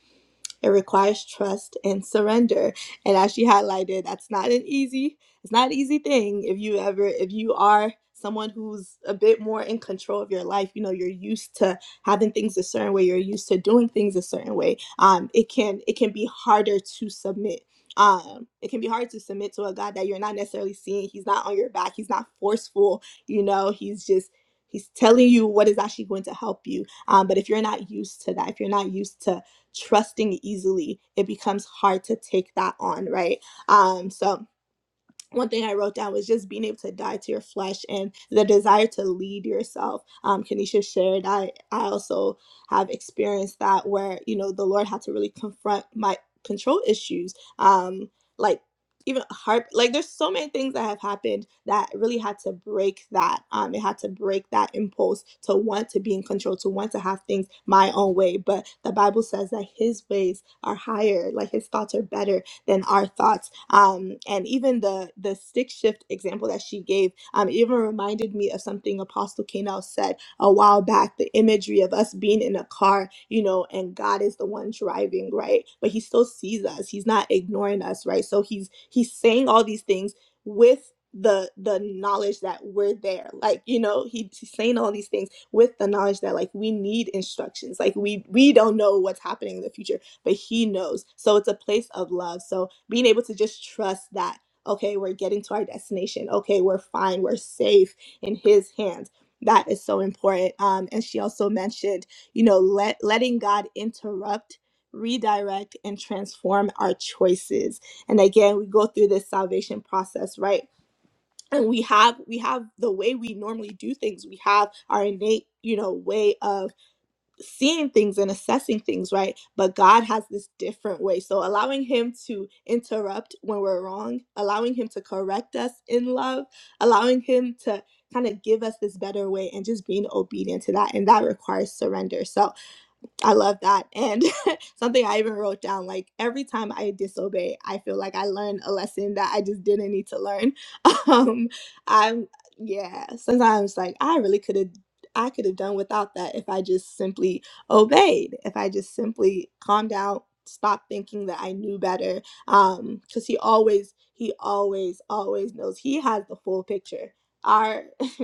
it requires trust and surrender. And as she highlighted, that's not an easy, it's not an easy thing if you ever, if you are someone who's a bit more in control of your life, you know, you're used to having things a certain way, you're used to doing things a certain way. Um, it can it can be harder to submit. Um, it can be hard to submit to a God that you're not necessarily seeing. He's not on your back, he's not forceful, you know, he's just he's telling you what is actually going to help you. Um, but if you're not used to that, if you're not used to trusting easily, it becomes hard to take that on, right? Um, so one thing I wrote down was just being able to die to your flesh and the desire to lead yourself. Um, Kanisha shared, I, I also have experienced that where, you know, the Lord had to really confront my control issues. Um, like even harp, like there's so many things that have happened that really had to break that. Um, it had to break that impulse to want to be in control, to want to have things my own way. But the Bible says that his ways are higher, like his thoughts are better than our thoughts. Um, and even the the stick shift example that she gave um, even reminded me of something Apostle Kanell said a while back. The imagery of us being in a car, you know, and God is the one driving, right? But He still sees us. He's not ignoring us, right? So He's He's saying all these things with the the knowledge that we're there like you know he- he's saying all these things with the knowledge that like we need instructions like we we don't know what's happening in the future but he knows. So it's a place of love. So being able to just trust that, okay, we're getting to our destination. Okay, we're fine. We're safe in his hands. That is so important. Um, and she also mentioned, you know, let letting God interrupt, redirect, and transform our choices. And again, we go through this salvation process, right? and we have we have the way we normally do things we have our innate you know way of seeing things and assessing things, right? But God has this different way. So allowing Him to interrupt when we're wrong, allowing Him to correct us in love, allowing Him to kind of give us this better way and just being obedient to that. And that requires surrender. So I love that. And something I even wrote down like every time I disobey, I feel like I learned a lesson that I just didn't need to learn. Um I'm yeah, sometimes like I really could have I could have done without that if I just simply obeyed, if I just simply calmed down, stopped thinking that I knew better. Um cuz he always he always always knows. He has the full picture. Our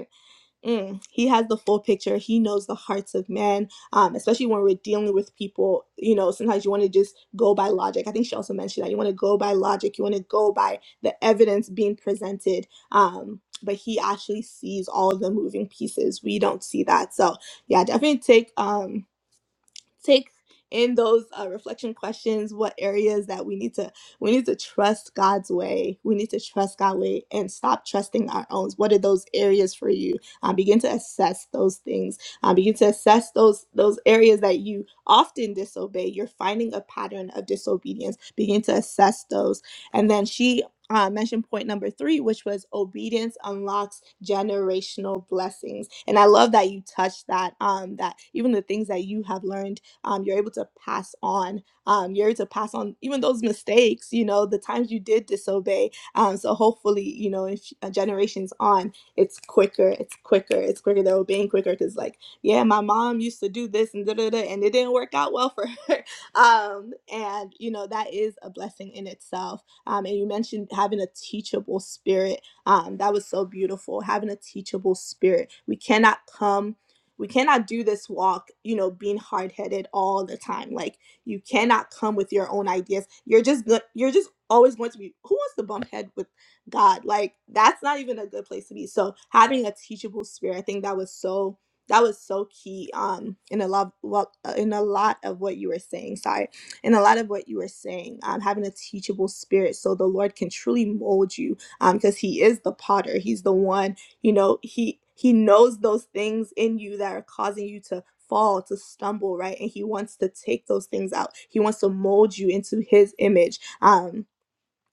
Mm, he has the full picture. He knows the hearts of men, um, especially when we're dealing with people. You know, sometimes you want to just go by logic. I think she also mentioned that you want to go by logic. You want to go by the evidence being presented. Um, but he actually sees all the moving pieces. We don't see that. So yeah, definitely take um take in those uh, reflection questions what areas that we need to we need to trust god's way we need to trust god's way and stop trusting our own what are those areas for you um, begin to assess those things um, begin to assess those those areas that you often disobey you're finding a pattern of disobedience begin to assess those and then she uh, mentioned point number three, which was obedience unlocks generational blessings, and I love that you touched that. Um, that even the things that you have learned um, you're able to pass on. Um, you're able to pass on even those mistakes, you know, the times you did disobey. Um, so hopefully, you know, if uh, generations on, it's quicker, it's quicker, it's quicker. They're obeying quicker because, like, yeah, my mom used to do this and da da da, and it didn't work out well for her. Um, and you know, that is a blessing in itself. Um, and you mentioned having a teachable spirit. Um, that was so beautiful. Having a teachable spirit. We cannot come we cannot do this walk you know being hard-headed all the time like you cannot come with your own ideas you're just good you're just always going to be who wants to bump head with god like that's not even a good place to be so having a teachable spirit i think that was so that was so key um in a lot well, uh, in a lot of what you were saying sorry in a lot of what you were saying um having a teachable spirit so the lord can truly mold you um because he is the potter he's the one you know he he knows those things in you that are causing you to fall to stumble right and he wants to take those things out he wants to mold you into his image um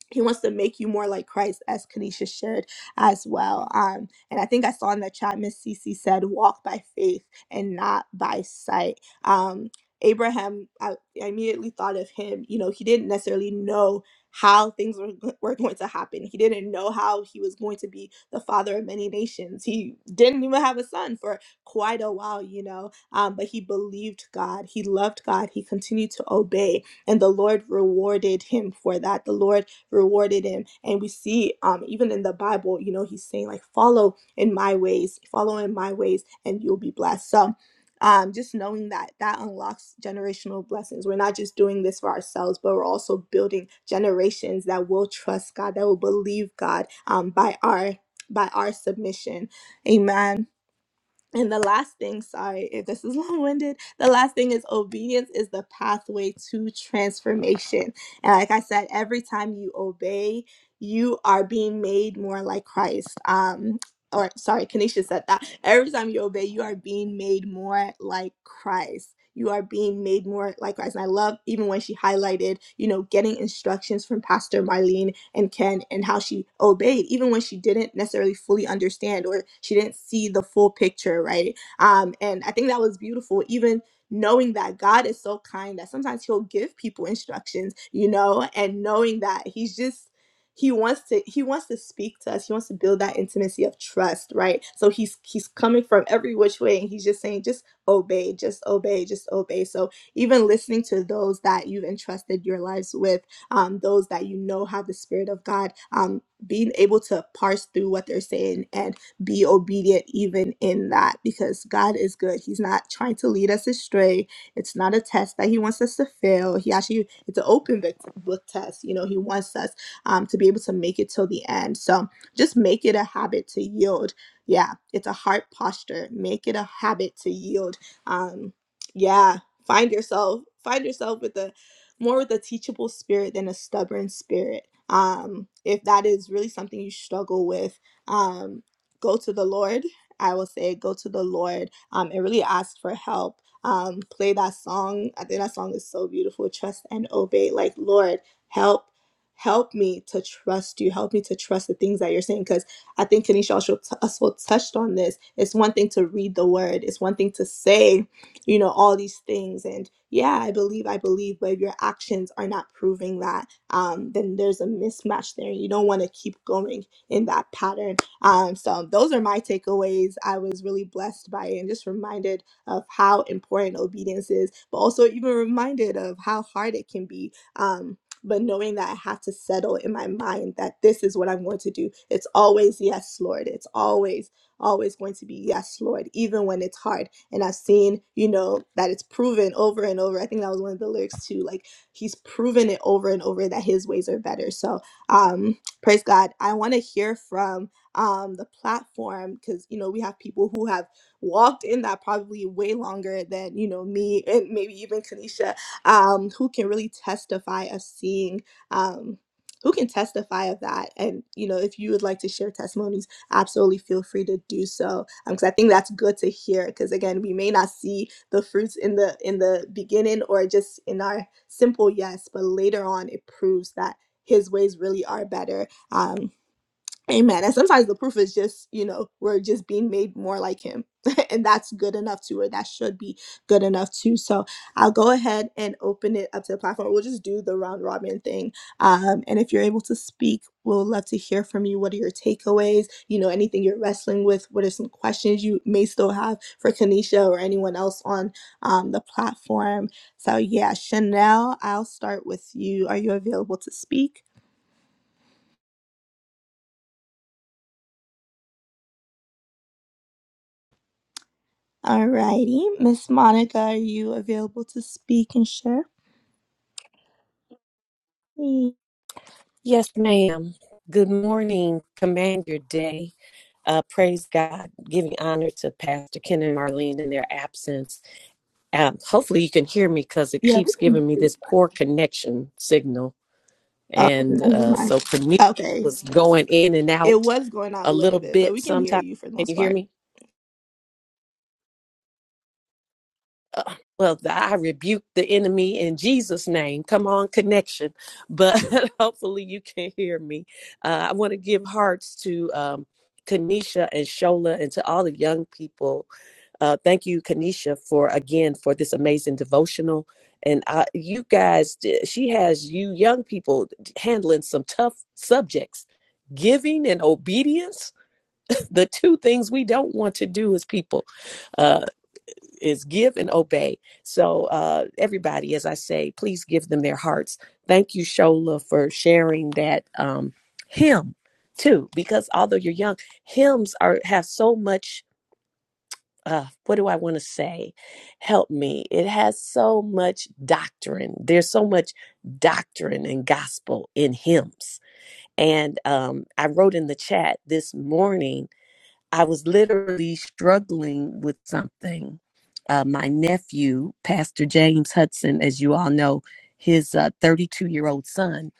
he wants to make you more like Christ, as Kanisha shared as well. Um, and I think I saw in the chat, Miss Cece said, walk by faith and not by sight. Um, Abraham, I, I immediately thought of him. You know, he didn't necessarily know how things were, go- were going to happen, he didn't know how he was going to be the father of many nations. He didn't even have a son for quite a while, you know, um, but he believed God, he loved God, he continued to obey and the Lord rewarded him for that. The Lord rewarded him. And we see um even in the Bible, you know, he's saying like follow in my ways, follow in my ways and you'll be blessed. So um, just knowing that that unlocks generational blessings. We're not just doing this for ourselves, but we're also building generations that will trust God, that will believe God um, by our by our submission. Amen. And the last thing, sorry if this is long winded, the last thing is obedience is the pathway to transformation. And like I said, every time you obey, you are being made more like Christ. Um, or sorry, Kanisha said that every time you obey, you are being made more like Christ. You are being made more like Christ. And I love even when she highlighted, you know, getting instructions from Pastor Marlene and Ken and how she obeyed, even when she didn't necessarily fully understand or she didn't see the full picture, right? Um, and I think that was beautiful, even knowing that God is so kind that sometimes He'll give people instructions, you know, and knowing that He's just he wants to he wants to speak to us he wants to build that intimacy of trust right so he's he's coming from every which way and he's just saying just obey just obey just obey so even listening to those that you've entrusted your lives with um, those that you know have the spirit of god um, being able to parse through what they're saying and be obedient even in that because god is good he's not trying to lead us astray it's not a test that he wants us to fail he actually it's an open book book test you know he wants us um, to be able to make it till the end. So just make it a habit to yield. Yeah, it's a heart posture. Make it a habit to yield. Um, yeah, find yourself, find yourself with a more with a teachable spirit than a stubborn spirit. Um, if that is really something you struggle with, um, go to the Lord. I will say go to the Lord um, and really ask for help. Um, play that song. I think that song is so beautiful. Trust and obey. Like, Lord, help help me to trust you help me to trust the things that you're saying because i think kanisha also, t- also touched on this it's one thing to read the word it's one thing to say you know all these things and yeah i believe i believe but if your actions are not proving that um, then there's a mismatch there you don't want to keep going in that pattern um, so those are my takeaways i was really blessed by it and just reminded of how important obedience is but also even reminded of how hard it can be Um but knowing that I have to settle in my mind that this is what I'm going to do. It's always yes, Lord. It's always, always going to be yes, Lord, even when it's hard. And I've seen, you know, that it's proven over and over. I think that was one of the lyrics too. Like he's proven it over and over that his ways are better. So um praise God. I want to hear from um the platform because you know we have people who have walked in that probably way longer than you know me and maybe even Kanisha um, who can really testify of seeing. Um, who can testify of that? And you know, if you would like to share testimonies, absolutely feel free to do so. Because I think that's good to hear. Because again, we may not see the fruits in the in the beginning or just in our simple yes, but later on, it proves that His ways really are better. Um, Amen. And sometimes the proof is just, you know, we're just being made more like him. and that's good enough too, or that should be good enough too. So I'll go ahead and open it up to the platform. We'll just do the round robin thing. Um, and if you're able to speak, we'll love to hear from you. What are your takeaways? You know, anything you're wrestling with? What are some questions you may still have for Kanisha or anyone else on um, the platform? So yeah, Chanel, I'll start with you. Are you available to speak? Alrighty, Miss Monica, are you available to speak and share? Mm, Yes, ma'am. Good morning. Command your day. Uh, praise God, giving honor to Pastor Ken and Marlene in their absence. Um, hopefully, you can hear me because it Yeah. we keeps giving me can- this poor connection signal. Oh, And never uh, so, mind. Cornelia Okay, was going in and it out was going out a a little little bit, but bit we can hear sometimes. you for the Can most you hear part. me? uh, well, I rebuke the enemy in Jesus' name. Come on, connection. But hopefully you can hear me. Uh, I want to give hearts to um, Kanisha and Shola and to all the young people. Uh, thank you, Kanisha, for again for this amazing devotional. And uh, you guys, she has you young people handling some tough subjects. Giving and obedience, the two things we don't want to do as people Uh, is give and obey. So uh, everybody, as I say, please give them their hearts. Thank you, Shola, for sharing that um, hymn too, because although you're young, hymns are have so much. Uh, what do I want to say? Help me. It has so much doctrine. There's so much doctrine and gospel in hymns. And um, I wrote in the chat this morning I was literally struggling with something. Uh, my nephew, Pastor James Hudson, as you all know, his 32 year old son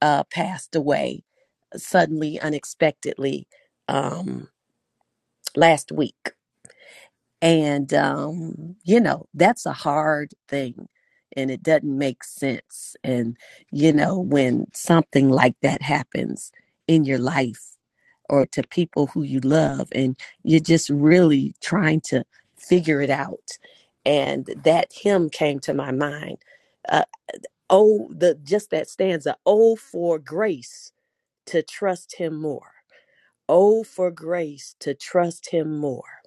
uh, passed away suddenly, unexpectedly um, last week. And, um, you know, that's a hard thing and it doesn't make sense. And, you know, when something like that happens in your life, or to people who you love and you're just really trying to figure it out and that hymn came to my mind uh, oh the just that stanza oh for grace to trust him more oh for grace to trust him more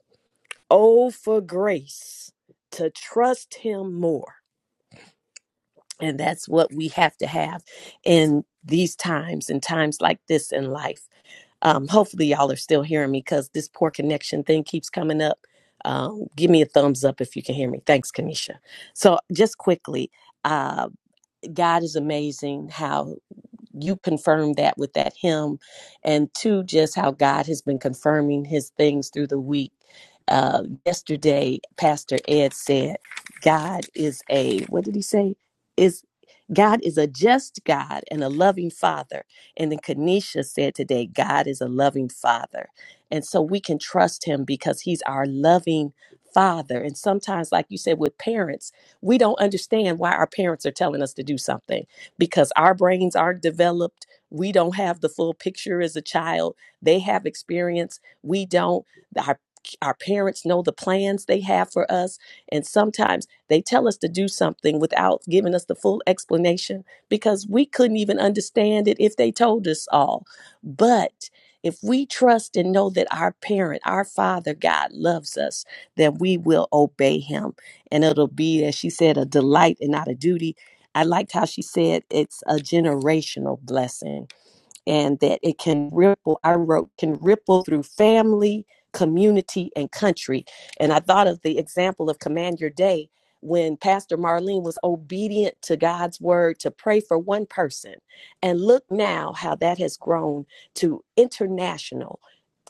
oh for grace to trust him more and that's what we have to have in these times and times like this in life Um, hopefully, y'all are still hearing me because this poor connection thing keeps coming up. Um, give me a thumbs up if you can hear me. Thanks, Kanisha. So, just quickly, uh, God is amazing. How you confirmed that with that hymn, and two, just how God has been confirming His things through the week. Uh, yesterday, Pastor Ed said, "God is a what did he say? Is God is a just God and a loving Father." And then Kanisha said today, "God is a loving Father," and so we can trust Him because He's our loving Father. And sometimes, like you said, with parents, we don't understand why our parents are telling us to do something because our brains aren't developed. We don't have the full picture as a child. They have experience. We don't. Our, our parents know the plans they have for us. And sometimes they tell us to do something without giving us the full explanation because we couldn't even understand it if they told us all. But if we trust and know that our parent, our Father God, loves us, then we will obey him. And it'll be, as she said, a delight and not a duty I liked how she said it's a generational blessing and that it can ripple i wrote can ripple through family community and country and i thought of the example of command your day when pastor marlene was obedient to god's word to pray for one person and look now how that has grown to international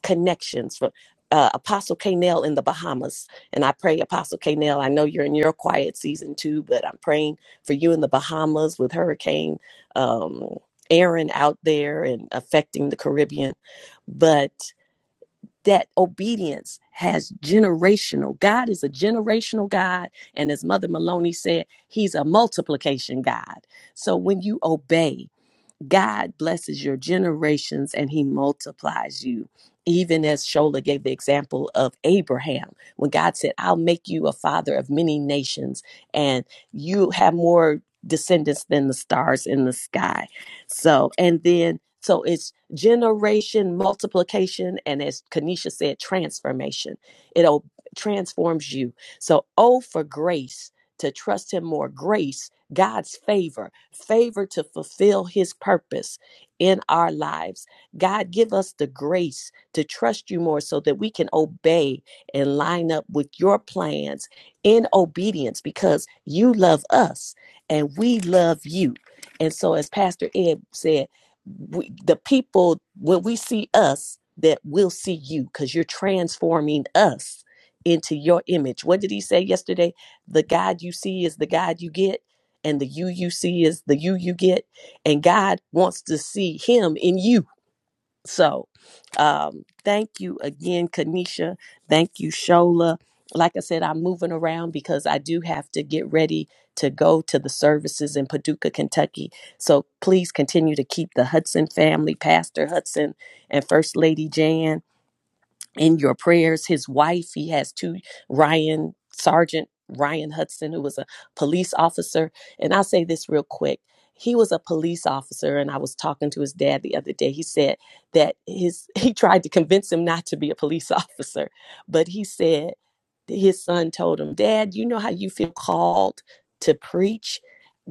connections from uh, Apostle Kanell in the Bahamas. And I pray, Apostle Kanell, I know you're in your quiet season too, but I'm praying for you in the Bahamas with Hurricane. um, Aaron out there and affecting the Caribbean, but that obedience has generational. God is a generational God. And as Mother Maloney said, He's a multiplication God. So when you obey, God blesses your generations and he multiplies you. Even as Shola gave the example of Abraham, when God said, I'll make you a father of many nations, and you have more descendants than the stars in the sky. So, and then, so it's generation, multiplication, and as Kanisha said, transformation. It transforms you. So, oh, for grace, to trust him more, grace God's favor, favor to fulfill his purpose in our lives. God, give us the grace to trust you more so that we can obey and line up with your plans in obedience because you love us and we love you. And so, as Pastor Ed said, we, the people, when we see us, that will see you because you're transforming us into your image. What did he say yesterday? The God you see is the God you get and the you you see is the you you get and god wants to see him in you so um thank you again kanisha thank you shola like i said i'm moving around because i do have to get ready to go to the services in paducah kentucky so please continue to keep the hudson family pastor hudson and first lady jan in your prayers. His wife, he has two Ryan Sergeant Ryan Hudson, who was a police officer. And I'll say this real quick. He was a police officer, and I was talking to his dad the other day. He said that his he tried to convince him not to be a police officer, but he said his son told him, Dad, you know how you feel called to preach?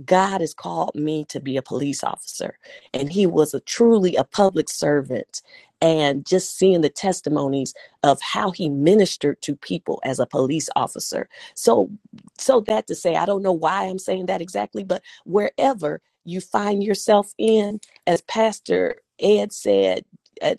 God has called me to be a police officer. And he was a truly a public servant. And just seeing the testimonies of how he ministered to people as a police officer. So so that to say, I don't know why I'm saying that exactly, but wherever you find yourself in, as Pastor Ed said,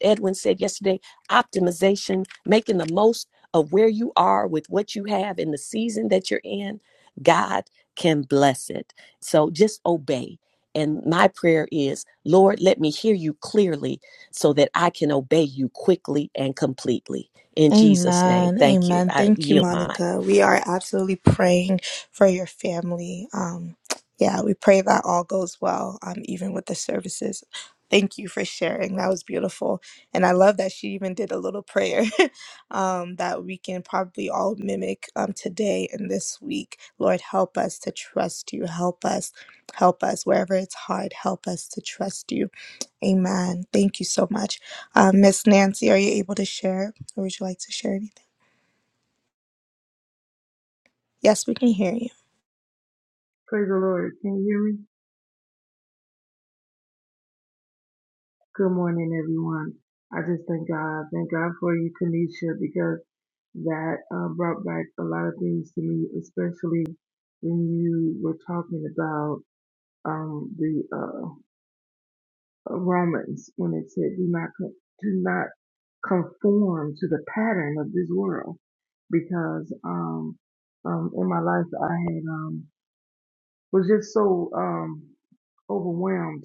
Edwin said yesterday, optimization, making the most of where you are with what you have in the season that you're in, God can bless it. So just obey. And my prayer is, Lord, let me hear you clearly so that I can obey you quickly and completely. In Jesus' name, Amen. thank you. Amen. I Thank you, yield my Monica. We are absolutely praying for your family. Um, yeah, we pray that all goes well, um, even with the services. Thank you for sharing. That was beautiful. And I love that she even did a little prayer um, that we can probably all mimic um, today and this week. Lord, help us to trust you. Help us. Help us. Wherever it's hard, help us to trust you. Amen. Thank you so much. Um, Miss Nancy, are you able to share? Or would you like to share anything? Yes, we can hear you. Praise the Lord. Can you hear me? Good morning, everyone. I just thank God. Thank God for you, Kanisha, because that uh, brought back a lot of things to me, especially when you were talking about um, the uh, Romans when it said, "Do not co- do not conform to the pattern of this world," because um, um, in my life I had um, was just so um, overwhelmed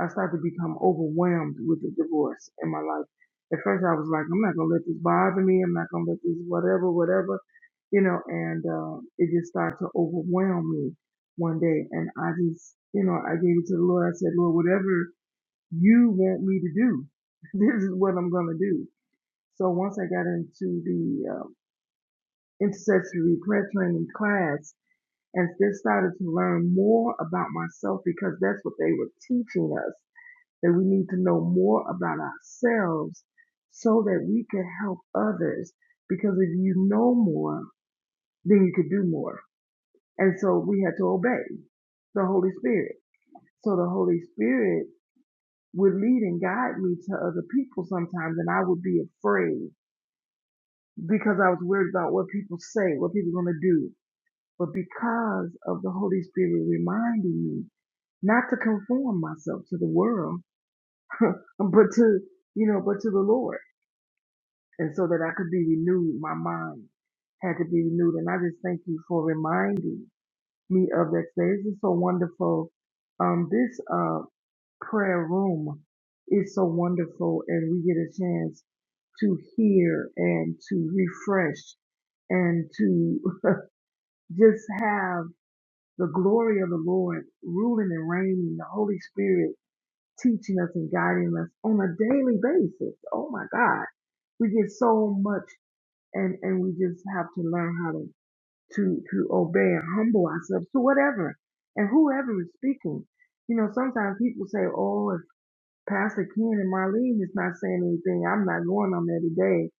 I started to become overwhelmed with the divorce in my life. At first, I was like, I'm not going to let this bother me. I'm not going to let this whatever, whatever, you know, and uh, it just started to overwhelm me one day. And I just, you know, I gave it to the Lord. I said, Lord, whatever you want me to do, this is what I'm going to do. So once I got into the uh, intercessory prayer training class and just started to learn more about myself because that's what they were teaching us that we need to know more about ourselves so that we can help others. Because if you know more, then you could do more. And so we had to obey the Holy Spirit. So the Holy Spirit would lead and guide me to other people sometimes, and I would be afraid because I was worried about what people say, what people are going to do. But because of the Holy Spirit reminding me not to conform myself to the world, but to, you know, but to the Lord And so that I could be renewed, my mind had to be renewed. And I just thank you for reminding me of that today. This is so wonderful. Um, this uh, prayer room is so wonderful, and we get a chance to hear and to refresh and to just have the glory of the Lord ruling and reigning, the Holy Spirit teaching us and guiding us on a daily basis. Oh my God. We get so much and and we just have to learn how to to to obey and humble ourselves to whatever and whoever is speaking. You know, sometimes people say, "Oh, if Pastor Ken and Marlene is not saying anything, I'm not going on there today."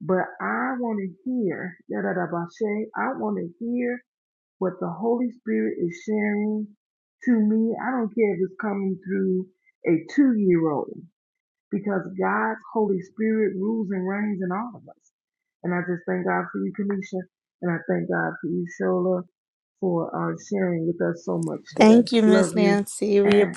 But I want to hear da da da ba shay. I want to hear what the Holy Spirit is sharing to me. I don't care if it's coming through a two year old because God's Holy Spirit rules and reigns in all of us. And I just thank God for you, Kanisha, and I thank God for you, Shola, for uh, sharing with us so much today. Thank you, Love Miss you, Nancy. We and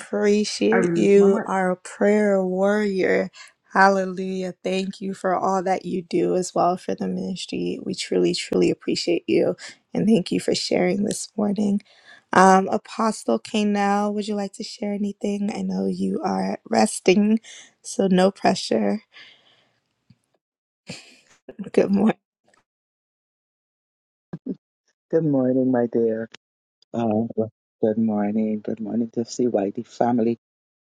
I release my mic. you, our prayer warrior. Hallelujah. Thank you for all that you do as well for the ministry. We truly, truly appreciate you. And thank you for sharing this morning. Um, Apostle Kanell, would you like to share anything? I know you are resting, so no pressure. Good Good morning, my dear. Uh, good morning. Good morning to CYD family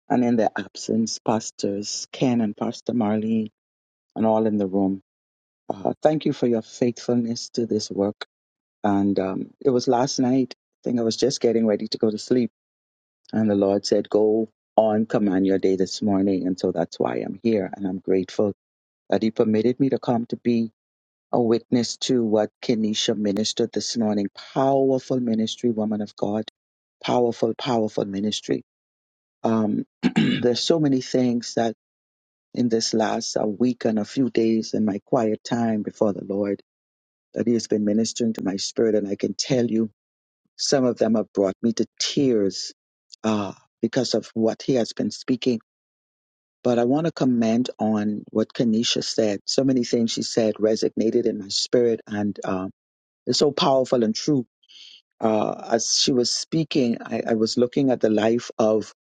and in their absence, pastors Ken and Pastor Marlene and all in the room. Uh, thank you for your faithfulness to this work. And um, it was last night. I think I was just getting ready to go to sleep, and the Lord said, "Go on, command your day this morning." And so that's why I'm here, and I'm grateful that He permitted me to come to be a witness to what Kenesha ministered this morning. Powerful ministry, woman of God. Powerful, powerful ministry. Um, there's so many things that in this last uh week and a few days in my quiet time before the Lord that He has been ministering to my spirit, and I can tell you some of them have brought me to tears uh, because of what He has been speaking. But I want to comment on what Kenesha said. So many things she said resonated in my spirit, and um, Is so powerful and true. Uh, as she was speaking, I, I was looking at the life of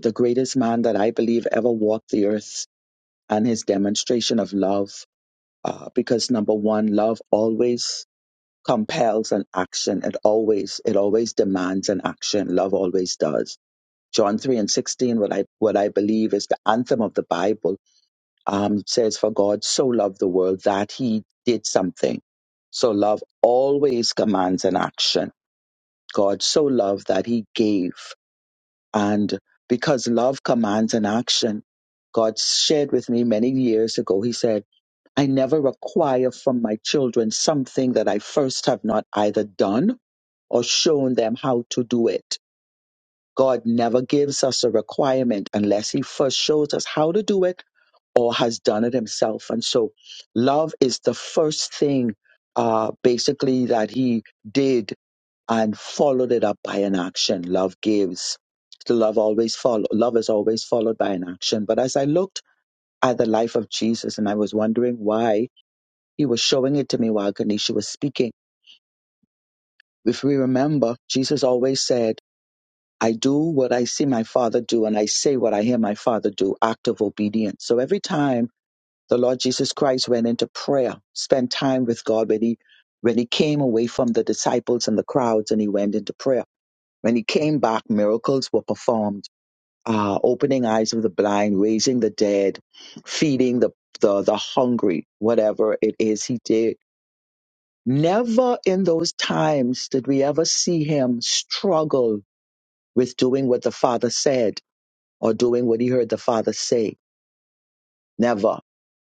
the greatest man that I believe ever walked the earth and his demonstration of love. Uh, because number one, love always compels an action. It always, it always demands an action. Love always does. John 3 and 16, what I, what I believe is the anthem of the Bible, um, says, For God so loved the world that he did something. So love always commands an action God so loved that he gave. And because love commands an action, God shared with me many years ago, he said, I never require from my children something that I first have not either done or shown them how to do it. God never gives us a requirement unless he first shows us how to do it or has done it himself. And so love is the first thing uh, basically that he did and followed it up by an action. Love gives. The love always follow. Love is always followed by an action. But as I looked at the life of Jesus, and I was wondering why he was showing it to me while Ganesha was speaking. If we remember, Jesus always said, "I do what I see my Father do, and I say what I hear my Father do." Act of obedience. So every time the Lord Jesus Christ went into prayer, spent time with God, when he when he came away from the disciples and the crowds, and he went into prayer When he came back, miracles were performed, uh, opening eyes of the blind, raising the dead, feeding the, the, the hungry, whatever it is he did. Never in those times did we ever see him struggle with doing what the Father said or doing what he heard the Father say. Never.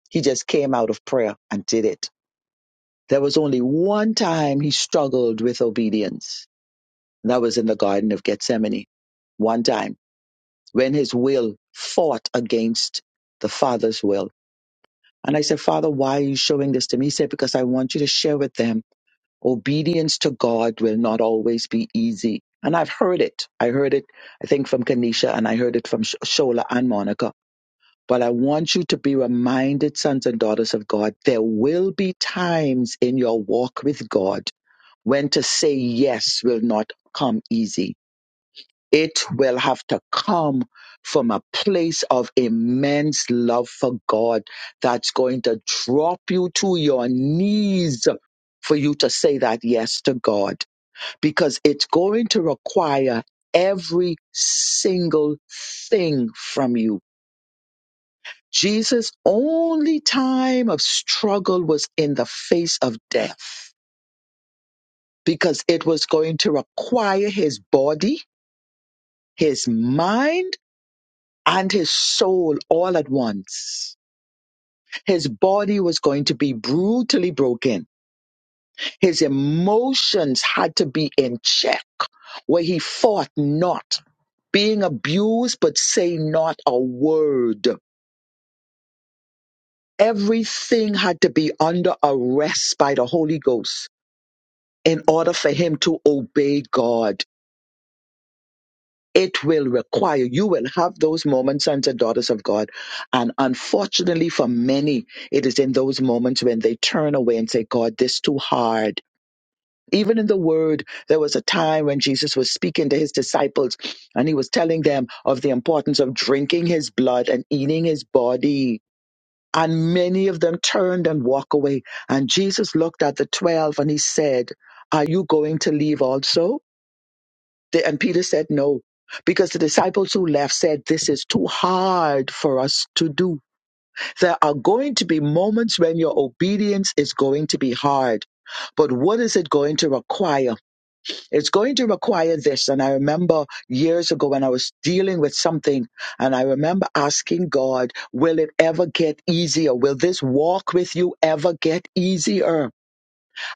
He just came out of prayer and did it. There was only one time he struggled with obedience. and That was in the Garden of Gethsemane. One time. when his will fought against the father's will. And I said, Father, why are you showing this to me? He said, Because I want you to share with them obedience to God will not always be easy. And I've heard it. I heard it, I think, from Kanisha and I heard it from Sh- Shola and Monica. But I want you to be reminded, sons and daughters of God, there will be times in your walk with God when to say yes will not come easy it will have to come from a place of immense love for God that's going to drop you to your knees for you to say that yes to God because it's going to require every single thing from you. Jesus' only time of struggle was in the face of death because it was going to require his body, his mind, and his soul all at once. His body was going to be brutally broken. His emotions had to be in check, where he fought not, being abused, but say not a word. Everything had to be under arrest by the Holy Ghost in order for him to obey God. it will require you will have those moments sons and daughters of god and unfortunately for many it is in those moments when they turn away and say god this too hard even in the word there was a time when jesus was speaking to his disciples and he was telling them of the importance of drinking his blood and eating his body and many of them turned and walked away and jesus looked at the 12 and he said are you going to leave also the- And Peter said no, because the disciples who left said, This is too hard for us to do. There are going to be moments when your obedience is going to be hard. But what is it going to require? It's going to require this. And I remember years ago when I was dealing with something, and I remember asking God, Will it ever get easier? Will this walk with you ever get easier?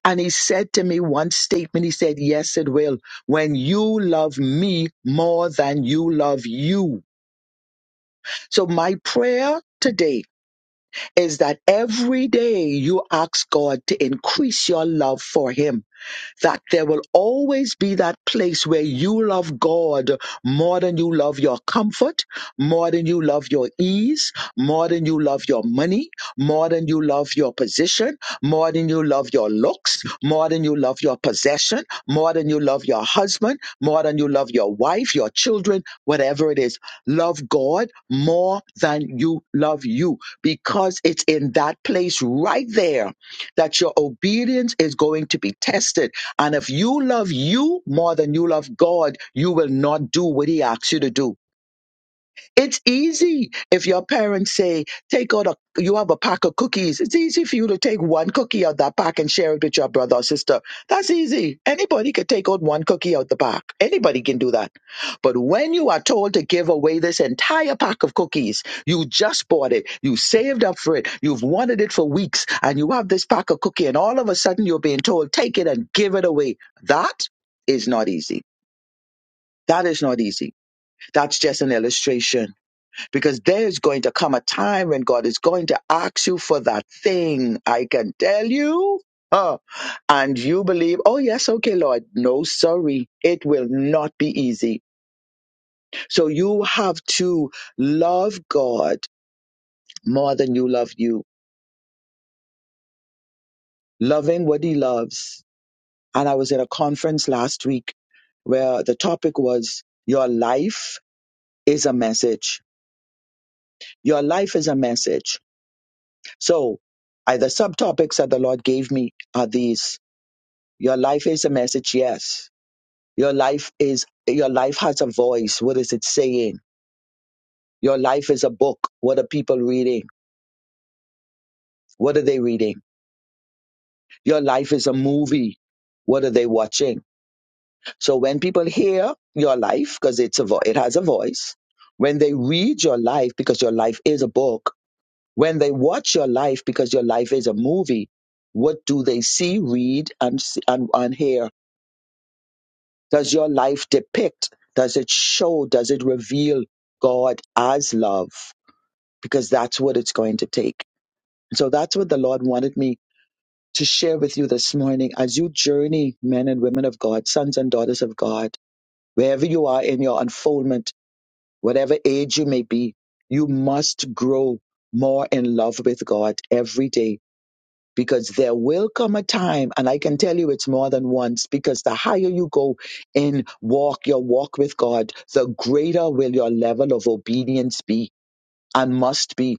And he said to me one statement, he said, Yes, it will. When you love me more than you love you. So my prayer today is that every day you ask God to increase your love for him that there will always be that place where you love God more than you love your comfort, more than you love your ease, more than you love your money, more than you love your position, more than you love your looks, more than you love your possession, more than you love your husband, more than you love your wife, your children, whatever it is. Love God more than you love you because it's in that place right there that your obedience is going to be tested and if you love you more than you love God, you will not do what He asks you to do. It's easy if your parents say, take out a, you have a pack of cookies. It's easy for you to take one cookie out that pack and share it with your brother or sister. That's easy. Anybody could take out one cookie out the pack. Anybody can do that. But when you are told to give away this entire pack of cookies, you just bought it, you saved up for it, you've wanted it for weeks, and you have this pack of cookie, and all of a sudden you're being told, take it and give it away. That is not easy. That is not easy. That's just an illustration because there is going to come a time when God is going to ask you for that thing. I can tell you. Uh, and you believe, oh, yes, okay, Lord. No, sorry. It will not be easy. So you have to love God more than you love you, loving what He loves. And I was at a conference last week where the topic was your life is a message. Your life is a message. So, I, the subtopics that the Lord gave me are these Your life is a message, yes. Your life is your life has a voice. What is it saying? Your life is a book. What are people reading? What are they reading? Your life is a movie. What are they watching? So when people hear your life, because it's a vo- it has a voice, when they read your life, because your life is a book, when they watch your life, because your life is a movie, what do they see, read, and s- and, and hear? Does your life depict? Does it show? Does it reveal God as love? Because that's what it's going to take. So that's what the Lord wanted me to share with you this morning as you journey, men and women of God, sons and daughters of God, wherever you are in your unfoldment, whatever age you may be, you must grow more in love with God every day because there will come a time, and I can tell you it's more than once, because the higher you go in walk, your walk with God, the greater will your level of obedience be and must be.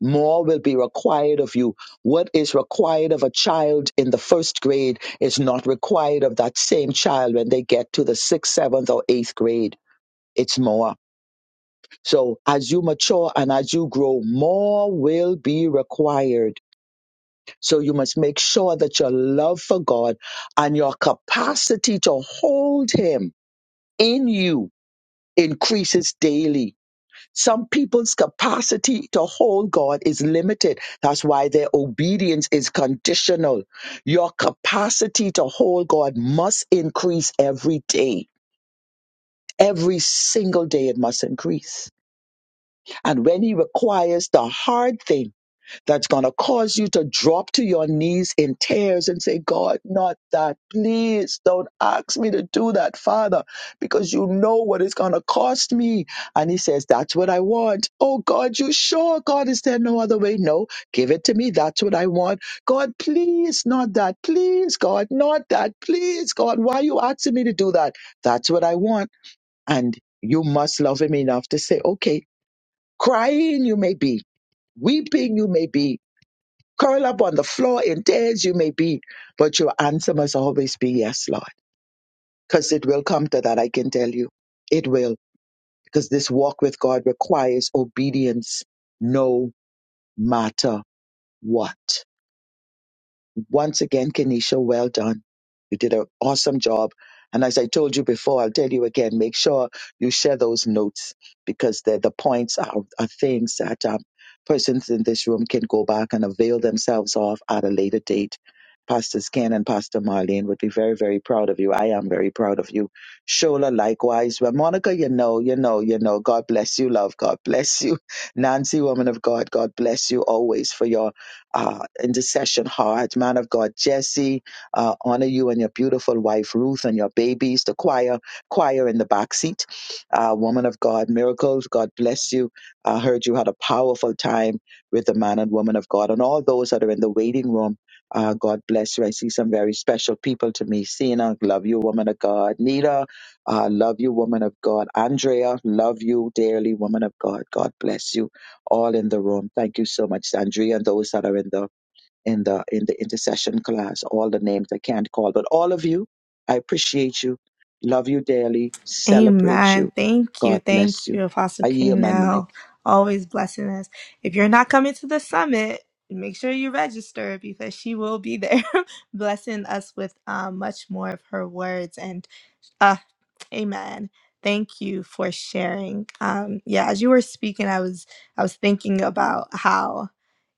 More will be required of you. What is required of a child in the first grade is not required of that same child when they get to the sixth, seventh, or eighth grade. It's more. So as you mature and as you grow, more will be required so you must make sure that your love for God and your capacity to hold Him in you increases daily. Some people's capacity to hold God is limited. That's why their obedience is conditional. Your capacity to hold God must increase every day. Every single day it must increase. And when He requires the hard thing, that's going to cause you to drop to your knees in tears and say, God, not that. Please don't ask me to do that, Father, because you know what it's going to cost me. And he says, That's what I want. Oh, God, you sure? God, is there no other way? No, give it to me. That's what I want. God, please, not that. Please, God, not that. Please, God, why are you asking me to do that? That's what I want. And you must love him enough to say, Okay, crying you may be, weeping you may be curl up on the floor in tears you may be, but your answer must always be yes, Lord. Because it will come to that, I can tell you. It will. Because this walk with God requires obedience no matter what. Once again, Kenesha, well done. You did an awesome job. And as I told you before, I'll tell you again, make sure you share those notes because the, the points are, are things that um, persons in this room can go back and avail themselves of at a later date. Pastors Ken and Pastor Marlene would be very, very proud of you. I am very proud of you. Shola, likewise. Well, Monica, you know, you know, you know. God bless you, love. God bless you. Nancy, woman of God, God bless you always for your uh, intercession heart, man of God Jesse, uh, honor you and your beautiful wife Ruth and your babies, the choir, choir in the back seat, uh, woman of God miracles, God bless you. I heard you had a powerful time with the man and woman of God, and all those that are in the waiting room. Uh, God bless you. I see some very special people to me. Sina, love you, woman of God. Nita, uh, love you, woman of God. Andrea, love you dearly, woman of God. God bless you all in the room. Thank you so much, Andrea, and those that are in the in the in the intercession class. All the names I can't call, but all of you, I appreciate you, love you dearly, celebrate Amen. you. Thank you. God bless Thank you. you, Apostle I yield my mic. Now, Always blessing us. If you're not coming to the summit, make sure you register because she will be there blessing us with um, much more of her words. and. Ah, amen. Thank you for sharing. Um, yeah, as you were speaking, I was I was thinking about how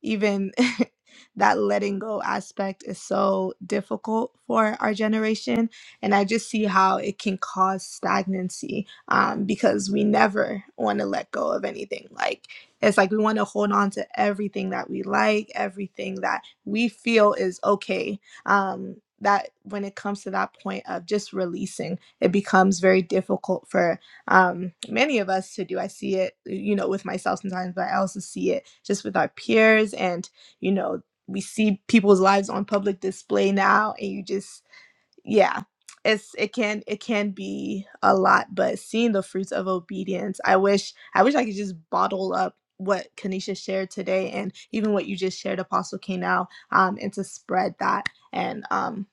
even that letting go aspect is so difficult for our generation, and I just see how it can cause stagnancy um, because we never want to let go of anything. Like it's like we want to hold on to everything that we like, everything that we feel is okay. Um, that when it comes to that point of just releasing it becomes very difficult for um, many of us to do. I see it, you know, with myself sometimes, but I also see it just with our peers. And, you know, we see people's lives on public display now, and you just, yeah. It's, it can it can be a lot but seeing the fruits of obedience i wish i wish i could just bottle up what kanisha shared today and even what you just shared apostle k now um, and to spread that and um,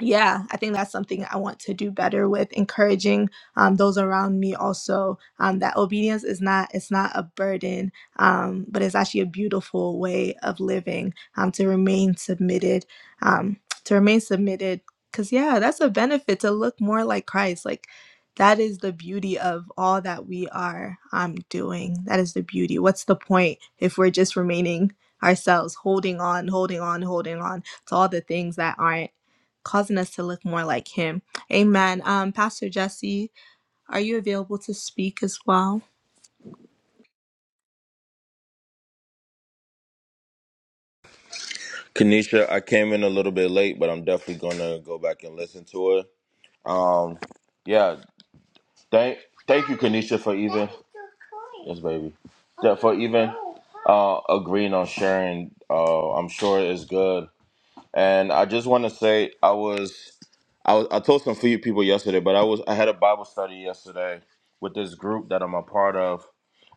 yeah, I think that's something I want to do better with encouraging um, those around me also um, that obedience is not it's not a burden, um, but it's actually a beautiful way of living um, to remain submitted um, to remain submitted because yeah, that's a benefit to look more like Christ. Like that is the beauty of all that we are um, doing. That is the beauty. What's the point if we're just remaining ourselves, holding on, holding on, holding on to all the things that aren't? causing us to look more like him. Amen. Um, Pastor Jesse, are you available to speak as well? Kanisha, I came in a little bit late, but I'm definitely gonna go back and listen to it. Um, yeah, thank thank you, Kanisha, for even yes, baby, Yeah, for even uh agreeing on sharing. Uh, I'm sure it's good, and I just want to say I was I was I told some few people yesterday, but I was I had a Bible study yesterday with this group that I'm a part of,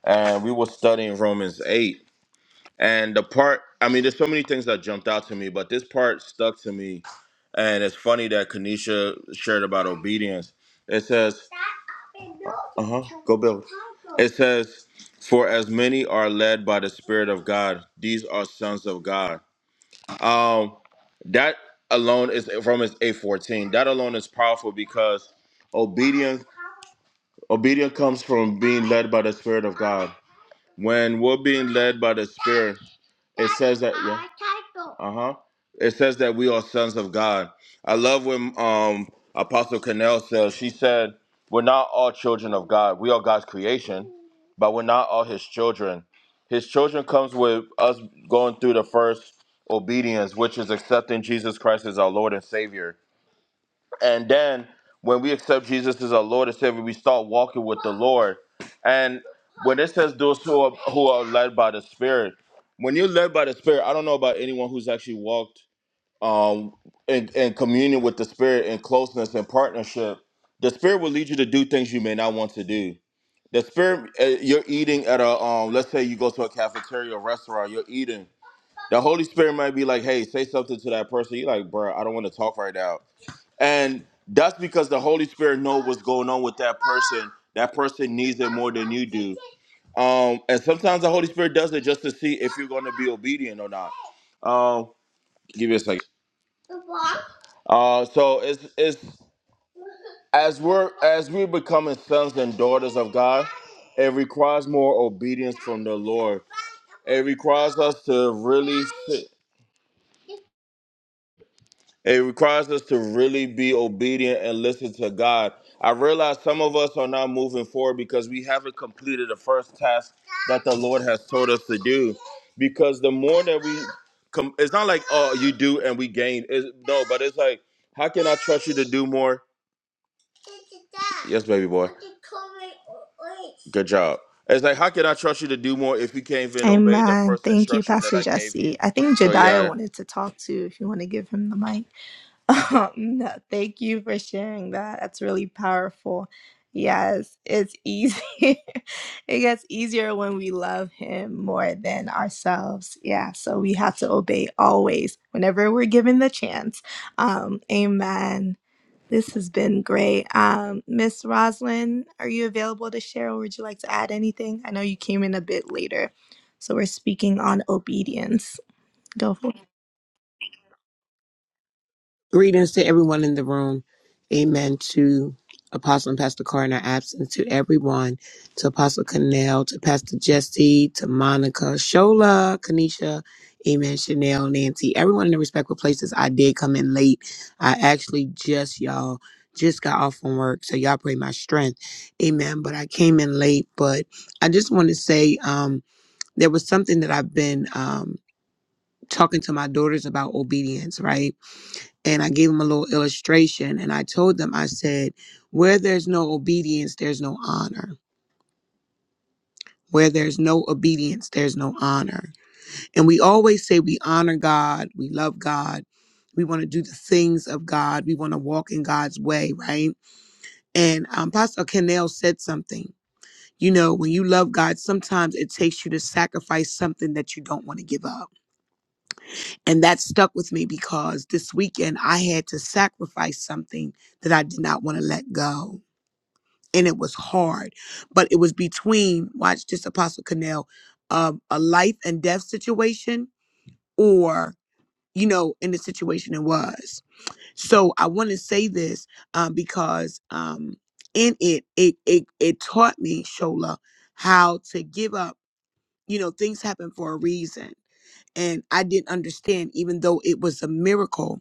and we were studying Romans eight and the part, I mean, there's so many things that jumped out to me, but this part stuck to me. And it's funny that Kanisha shared about obedience. It says, uh huh, go build. It says, for as many are led by the Spirit of God, these are sons of God. Um, that alone is from his A14. That alone is powerful because obedience obedience comes from being led by the Spirit of God. When we're being led by the Spirit, It says that yeah. Uh huh. It says that we are sons of God. I love when um Apostle Cannell says she said we're not all children of God. We are God's creation, but we're not all His children. His children comes with us going through the first obedience, which is accepting Jesus Christ as our Lord and Savior. And then when we accept Jesus as our Lord and Savior, we start walking with the Lord. And when it says those who are, who are led by the Spirit, when you're led by the Spirit, I don't know about anyone who's actually walked um, in, in communion with the Spirit in closeness and partnership. The Spirit will lead you to do things you may not want to do. The Spirit, uh, you're eating at a, um, let's say you go to a cafeteria or restaurant, you're eating. The Holy Spirit might be like, hey, say something to that person. You're like, bro, I don't want to talk right now and that's because the Holy Spirit knows what's going on with that person. That person needs it more than you do. Um, and sometimes the Holy Spirit does it just to see if you're going to be obedient or not. Um, give me a second. Uh, so it's it's as we're as we're becoming sons and daughters of God, it requires more obedience from the Lord. It requires us to really. It requires us to really be obedient and listen to God. I realize some of us are not moving forward because we haven't completed the first task that the Lord has told us to do. Because the more that we com- it's not like oh you do and we gain. It's, no, but it's like how can I trust you to do more? Yes, baby boy. Good job. It's like how can I trust you to do more if you can't even obey the Amen. first Thank you, instruction that Pastor I gave Jesse. you? I think So Jediah yeah, wanted to talk too, if you want to give him the mic. Um, no, thank you for sharing that. That's really powerful. Yes, it's easy. it gets easier when we love him more than ourselves. Yeah, so we have to obey always whenever we're given the chance. Um, amen. This has been great. Um, Miss Roslyn, are you available to share or would you like to add anything? I know you came in a bit later, so we're speaking on obedience. Go for it. Greetings to everyone in the room. Amen to Apostle and Pastor Carr in our absence, to everyone, to Apostle Connell, to Pastor Jesse, to Monica, Shola, Kanisha, Amen, Chanel, Nancy, everyone in the respectful places. I did come in late. I actually just, y'all, just got off from work. So y'all pray my strength. Amen. But I came in late. But I just want to say um, there was something that I've been um, talking to my daughters about obedience, right? and I gave them a little illustration. And I told them, I said, where there's no obedience, there's no honor. Where there's no obedience, there's no honor. And we always say we honor God, we love God, we want to do the things of God, we want to walk in God's way, right? And um, Pastor Cannell said something. You know, when you love God, sometimes it takes you to sacrifice something that you don't want to give up. And that stuck with me because this weekend I had to sacrifice something that I did not want to let go and it was hard. But it was between, watch this, Apostle Connell, um, a life and death situation or, you know, in the situation it was. So I want to say this um, because um, in it, it, it, it taught me, Shola, how to give up. You know, things happen for a reason and I didn't understand, even though it was a miracle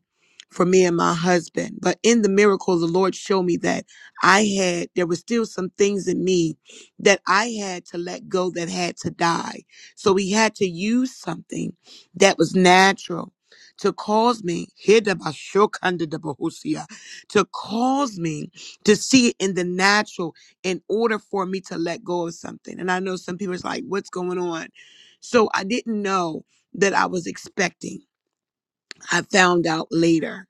for me and my husband. But in the miracle, the Lord showed me that I had, there was still some things in me that I had to let go that had to die. So he had to use something that was natural to cause me, Hidabashokandidabahusia, to cause me to see it in the natural in order for me to let go of something. And I know some people is like, what's going on? So I didn't know that I was expecting. I found out later.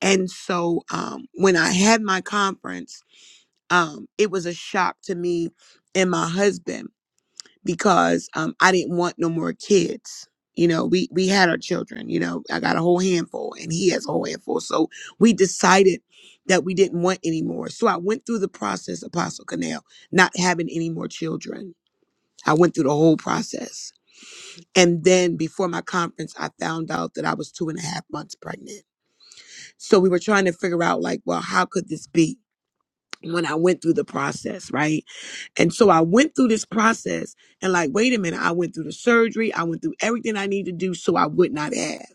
And so um, when I had my conference, um, it was a shock to me and my husband because um, I didn't want no more kids. You know, we we had our children. You know, I got a whole handful, and he has a whole handful. So we decided that we didn't want any more. So I went through the process, Apostle Canal, not having any more children. I went through the whole process And then before my conference, I found out that I was two and a half months pregnant. So we were trying to figure out, like, well, how could this be when I went through the process, right? And so I went through this process and, like, wait a minute, I went through the surgery, I went through everything I needed to do so I would not have.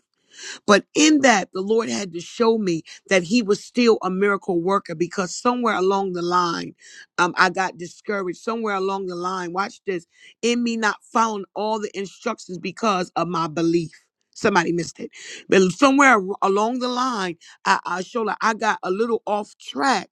But in that, the Lord had to show me that He was still a miracle worker because somewhere along the line, um, I got discouraged. Somewhere along the line, watch this, in me not following all the instructions because of my belief. Somebody missed it. But somewhere ar- along the line, I, I showed like I got a little off track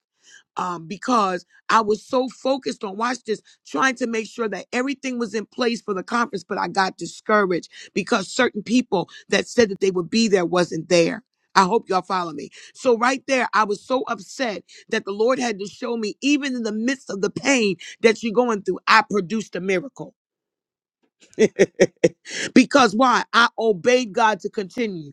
um, because I was so focused on, watch this, trying to make sure that everything was in place for the conference, but I got discouraged because certain people that said that they would be there wasn't there. I hope y'all follow me. So, right there, I was so upset that the Lord had to show me, even in the midst of the pain that you're going through, I produced a miracle. because why? I obeyed God to continue.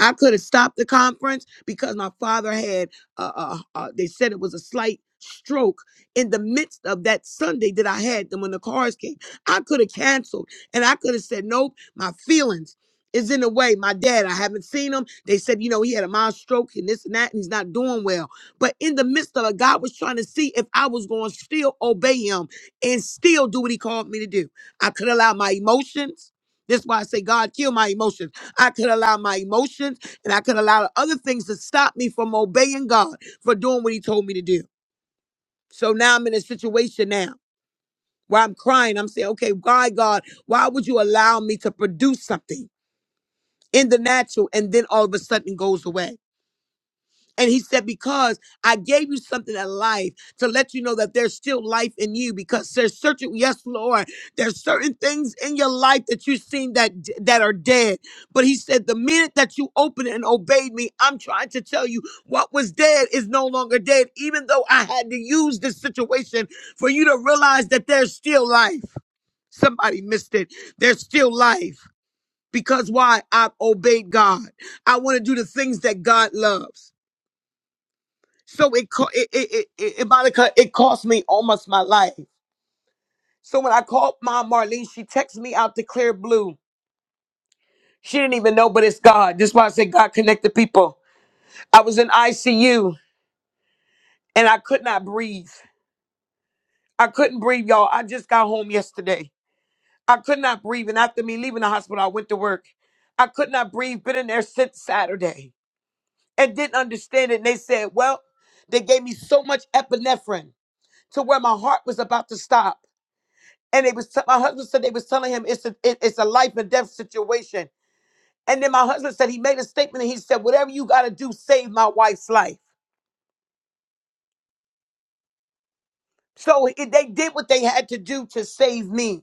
I could have stopped the conference because my father had, uh, uh, uh, they said it was a slight stroke in the midst of that Sunday that I had them when the cars came. I could have canceled and I could have said, nope, my feelings is in the way. My dad, I haven't seen him. They said, you know, he had a mild stroke and this and that, and he's not doing well. But in the midst of it, God was trying to see if I was going to still obey him and still do what he called me to do. I could allow my emotions. That's why I say, God, kill my emotions. I could allow my emotions and I could allow other things to stop me from obeying God for doing what He told me to do. So now I'm in a situation now where I'm crying. I'm saying, okay, why, God, why would you allow me to produce something in the natural and then all of a sudden it goes away? And he said, Because I gave you something in life to let you know that there's still life in you because there's certain, yes, Lord, there's certain things in your life that you've seen that, that are dead. But he said, The minute that you opened and obeyed me, I'm trying to tell you what was dead is no longer dead, even though I had to use this situation for you to realize that there's still life. Somebody missed it. There's still life because why? I've obeyed God. I want to do the things that God loves. So it co- it, it, it, it it, Monica, it cost me almost my life. So when I called Mom Marlene, she texted me out the clear blue. She didn't even know, but it's God. This is why I said God connected people. I was in ICU and I could not breathe. I couldn't breathe, y'all. I just got home yesterday. I could not breathe. And after me leaving the hospital, I went to work. I could not breathe. Been in there since Saturday and didn't understand it. And they said, well, they gave me so much epinephrine to where my heart was about to stop. And they was t- my husband said they was telling him it's a it- it's a life and death situation. And then my husband said he made a statement and he said, "Whatever you got to do, save my wife's life." So it, they did what they had to do to save me.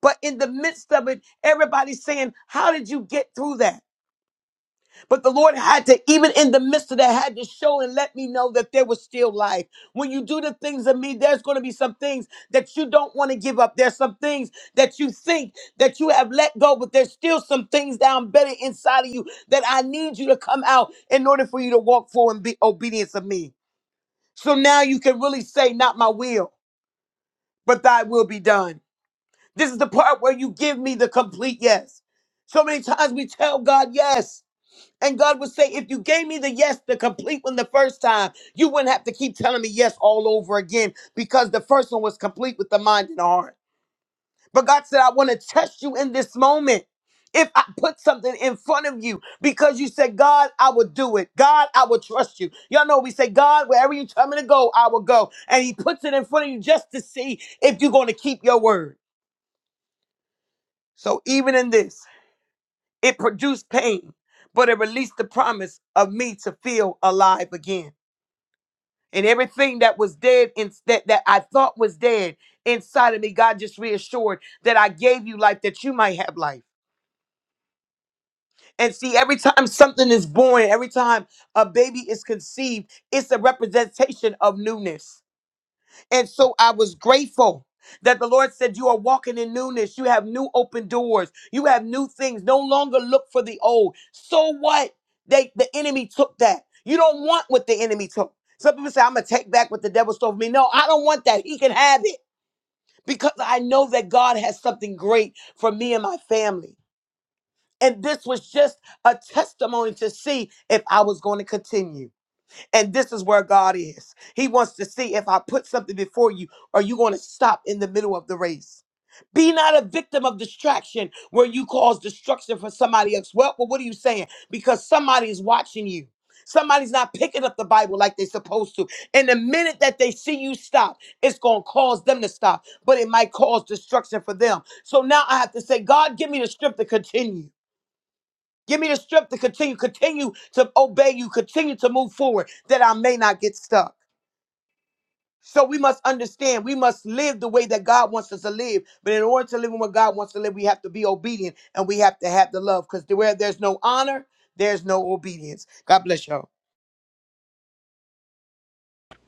But in the midst of it, everybody's saying, "How did you get through that?" But the Lord had to, even in the midst of that, had to show and let me know that there was still life. When you do the things of me, there's going to be some things that you don't want to give up. There's some things that you think that you have let go, but there's still some things down better inside of you that I need you to come out in order for you to walk forward and be obedience of me. So now you can really say, not my will, but thy will be done. This is the part where you give me the complete yes. So many times we tell God yes, and God would say, if you gave me the yes, the complete one the first time, you wouldn't have to keep telling me yes all over again because the first one was complete with the mind and the heart. But God said, I want to test you in this moment. If I put something in front of you because you said, God, I will do it. God, I will trust you. Y'all know we say, God, wherever you tell me to go, I will go. And He puts it in front of you just to see if you're going to keep your word. So even in this, it produced pain, but it released the promise of me to feel alive again. and everything that was dead in, that, that i thought was dead inside of me god just reassured that i gave you life that you might have life and see every time something is born every time a baby is conceived it's a representation of newness and so I was grateful that the Lord said, You are walking in newness. You have new open doors. You have new things. No longer look for the old. So what? They the enemy took that. You don't want what the enemy took. Some people say, I'm gonna take back what the devil stole from me. No, I don't want that. He can have it because I know that God has something great for me and my family. And this was just a testimony to see if I was going to continue. And this is where God is. He wants to see if I put something before you, are you going to stop in the middle of the race? Be not a victim of distraction where you cause destruction for somebody else. Well, well, what are you saying? Because somebody is watching you. Somebody's not picking up the Bible like they're supposed to. And the minute that they see you stop, it's going to cause them to stop, but it might cause destruction for them. So now I have to say, God, give me the strength to continue. Give me the strength to continue, continue to obey you, continue to move forward that I may not get stuck. So we must understand, we must live the way that God wants us to live. But in order to live in what God wants to live, we have to be obedient and we have to have the love because where there's no honor, there's no obedience. God bless y'all.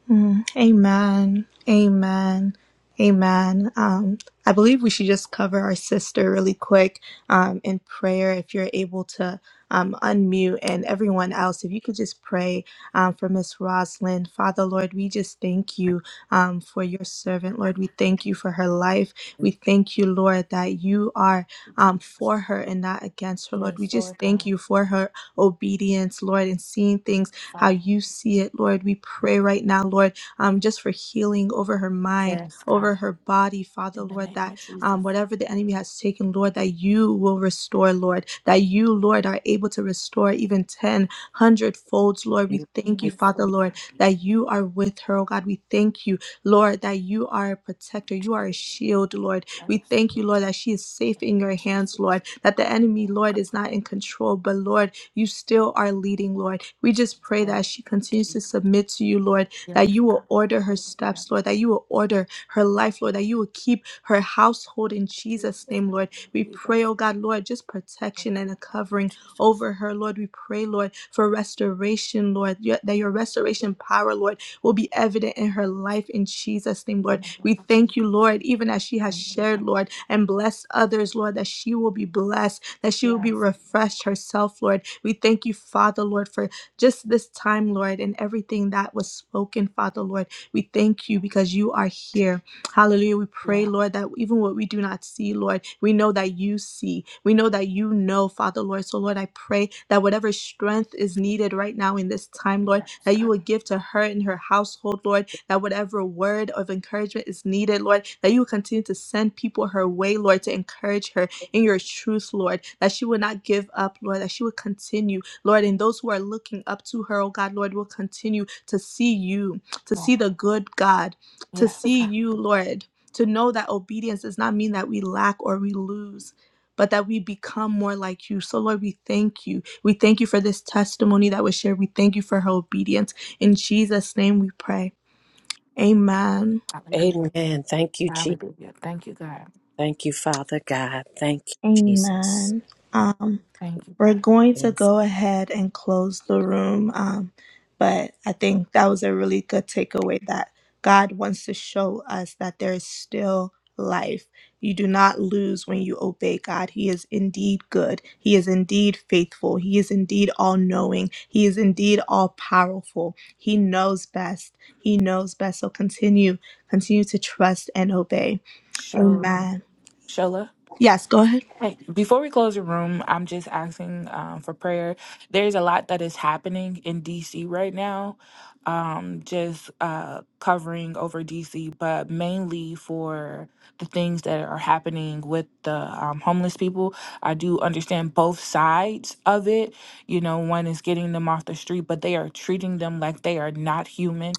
Mm, amen. Amen. Amen. Um, I believe we should just cover our sister really quick um, in prayer if you're able to um, unmute and everyone else. If you could just pray um, for Miss Rosalind. Father, Lord, we just thank you um, for your servant. Lord, we thank you Thank for you her life. We thank you, Lord, that you are for um, for her and not against her. Lord, we Yes, just Lord thank God. you for her obedience, Lord, and seeing things Thank you, how Father. you see it, Lord. We pray right now, Lord, um, just for healing over her mind, Yes, God. over her body, Father, In the Lord, name that of um, Jesus. whatever the enemy has taken, Lord, that you will restore, Lord, that you, Lord, are able to restore even ten hundred folds, Lord. mic. We thank you, Yes, Father, oh Lord, that you are with her, oh God. We thank you, Lord, that you are a protector, you are a shield, Lord. We yes, thank you, Lord, that she is safe and in your Jesus, hands, Lord, that the enemy, Lord, is not in control, but Lord, you still are leading, Lord. We just conscience, pray that blood, as she continues Jesus, to submit to you, Lord, yes, that you will God, order her hallelujah, steps, Lord, that you will order her life, Lord, that you will keep her household in Jesus' Jesus, name, Lord. hallelujah, We pray, Jesus, oh God, Lord, just protection and a covering over her, Lord. We pray, Lord, for restoration, Lord, your- that your restoration power, Lord, will be evident in her life in Jesus' name, Lord. and I know We that Jesus, thank you, Lord, even as she has thank you, shared, God, Lord, and blessed others, Lord, that she will be blessed that she will be yes, refreshed herself, Lord. We thank you, Father, Lord, for just this time, Lord, and everything that was spoken, Father, Lord. We thank you because you are here. Hallelujah. We you pray, are, Lord, that even what we do not see, Lord, we know that you see. We know that you know, Father, Lord. So, Lord, I pray that whatever strength is needed right now in this time, Lord, yes, that you God, will give to her and her household, Lord, that whatever word of encouragement is needed, Lord, that you will continue to send people her way, Lord, to encourage her, in your truth, Lord, that she would not give up, Lord, that she would continue, Lord, and those who are looking up to her, oh God, Lord, will continue to see you, to see the good God, to yes, yes, see you, Lord, to know that obedience does not mean that we lack or we lose. But that we become more like you. So, Lord, we thank you. We thank you for this testimony that was shared. We thank you for her obedience. In Jesus' name we pray. Amen. hallelujah, Amen. Thank you, Jesus. hallelujah, thank you, God, Thank you, Father God. Thank you, Jesus. Amen. Um. thank you, We're God, going to Yes. go ahead and close the room. Um, but I think that was a really good takeaway that God wants to show us that there is still life. You do not lose when you obey God. He is indeed good. He is indeed faithful. He is indeed all knowing. He is indeed all powerful. He knows best. He knows best. So continue, continue to trust and obey. Shola, Amen. Shola, Yes, go ahead. Right. Before we close the room, I'm just asking um, for prayer. There's a lot that is happening in DC right now, um, just uh, covering over DC, but mainly for the things that are happening with the um, homeless people. I do understand both sides of it. You know, one is getting them off the street, but they are treating them like they are not human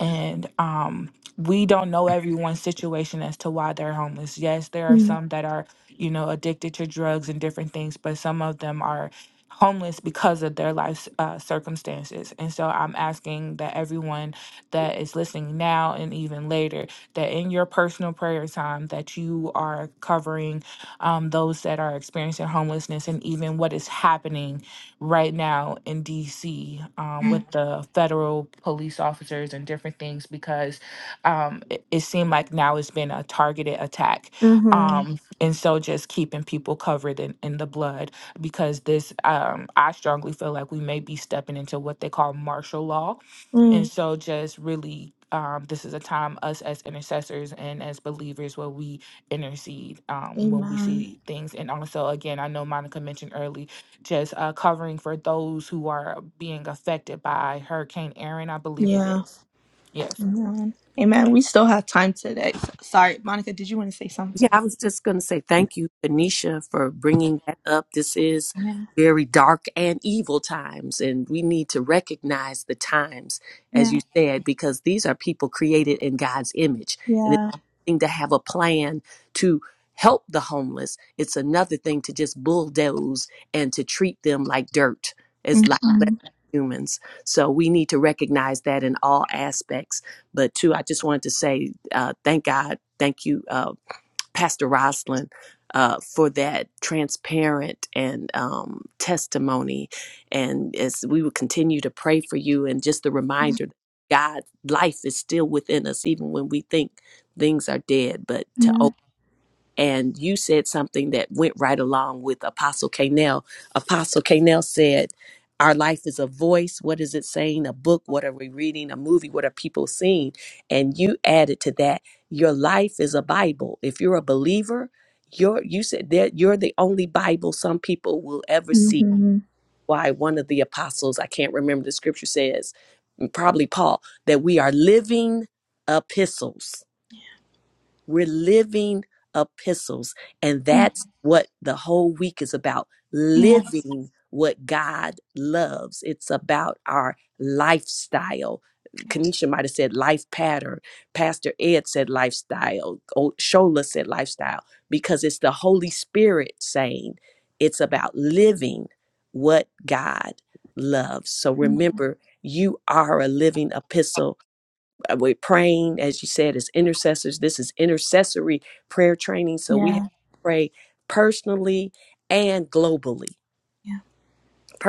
and um we don't know everyone's situation as to why they're homeless. Yes, there are some that are, you know, addicted to drugs and different things, but some of them are homeless because of their life uh, circumstances. And so I'm asking that everyone that is listening now and even later, that in your personal prayer time, that you are covering um, those that are experiencing homelessness and even what is happening right now in DC um, with Mm-hmm. the federal police officers and different things because um, it, it seemed like now it's been a targeted attack. Um, and so just keeping people covered in, in the blood because this, um, I strongly feel like we may be stepping into what they call martial law. And Mm. so just really. Um, this is a time us as intercessors and as believers where we intercede um, when we Amen. see things. And also, again, I know Monica mentioned early just uh, covering for those who are being affected by Hurricane Aaron, I believe it Yeah. is. Yes. Amen. Amen. We still have time today. S- Sorry, Monica, did you want to say Yeah, something? I was just going to say thank you, Anisha, for bringing that up. This is Yeah. very dark and evil times, and we need to recognize the times, as Yeah. you said, because these are people created in God's image. And it's Yeah. one thing to have a plan to help the homeless, it's another thing to just bulldoze and to treat them like dirt, as like less Mm-hmm. than humans. So we need to recognize that in all aspects. But, too, I just wanted to say uh, thank God. Thank you. Uh, Pastor Roslyn uh, for that transparent and um, testimony. And as we will continue to pray for you, and just the reminder, that God's life is still within us, even when we think things are dead. But to and you said something that went right along with Apostle Canel. Apostle Canel said, Our life is a voice. What is it saying? A book? What are we reading? A movie? What are people seeing? And you added to that, Your life is a Bible. If you're a believer, you're, you said that you're the only Bible some people will ever see. Mm-hmm. Why one of the apostles, I can't remember the scripture says, probably Paul, that we are living epistles we're living epistles. And that's what the whole week is about living what God loves. It's about our lifestyle. Kanisha might have said life pattern. Pastor Ed said lifestyle. O- Shola said lifestyle because it's the Holy Spirit saying it's about living what God loves. So remember, you are a living epistle uh, we're praying, as you said, as intercessors. This is intercessory prayer training. So we have Yeah. to pray personally and globally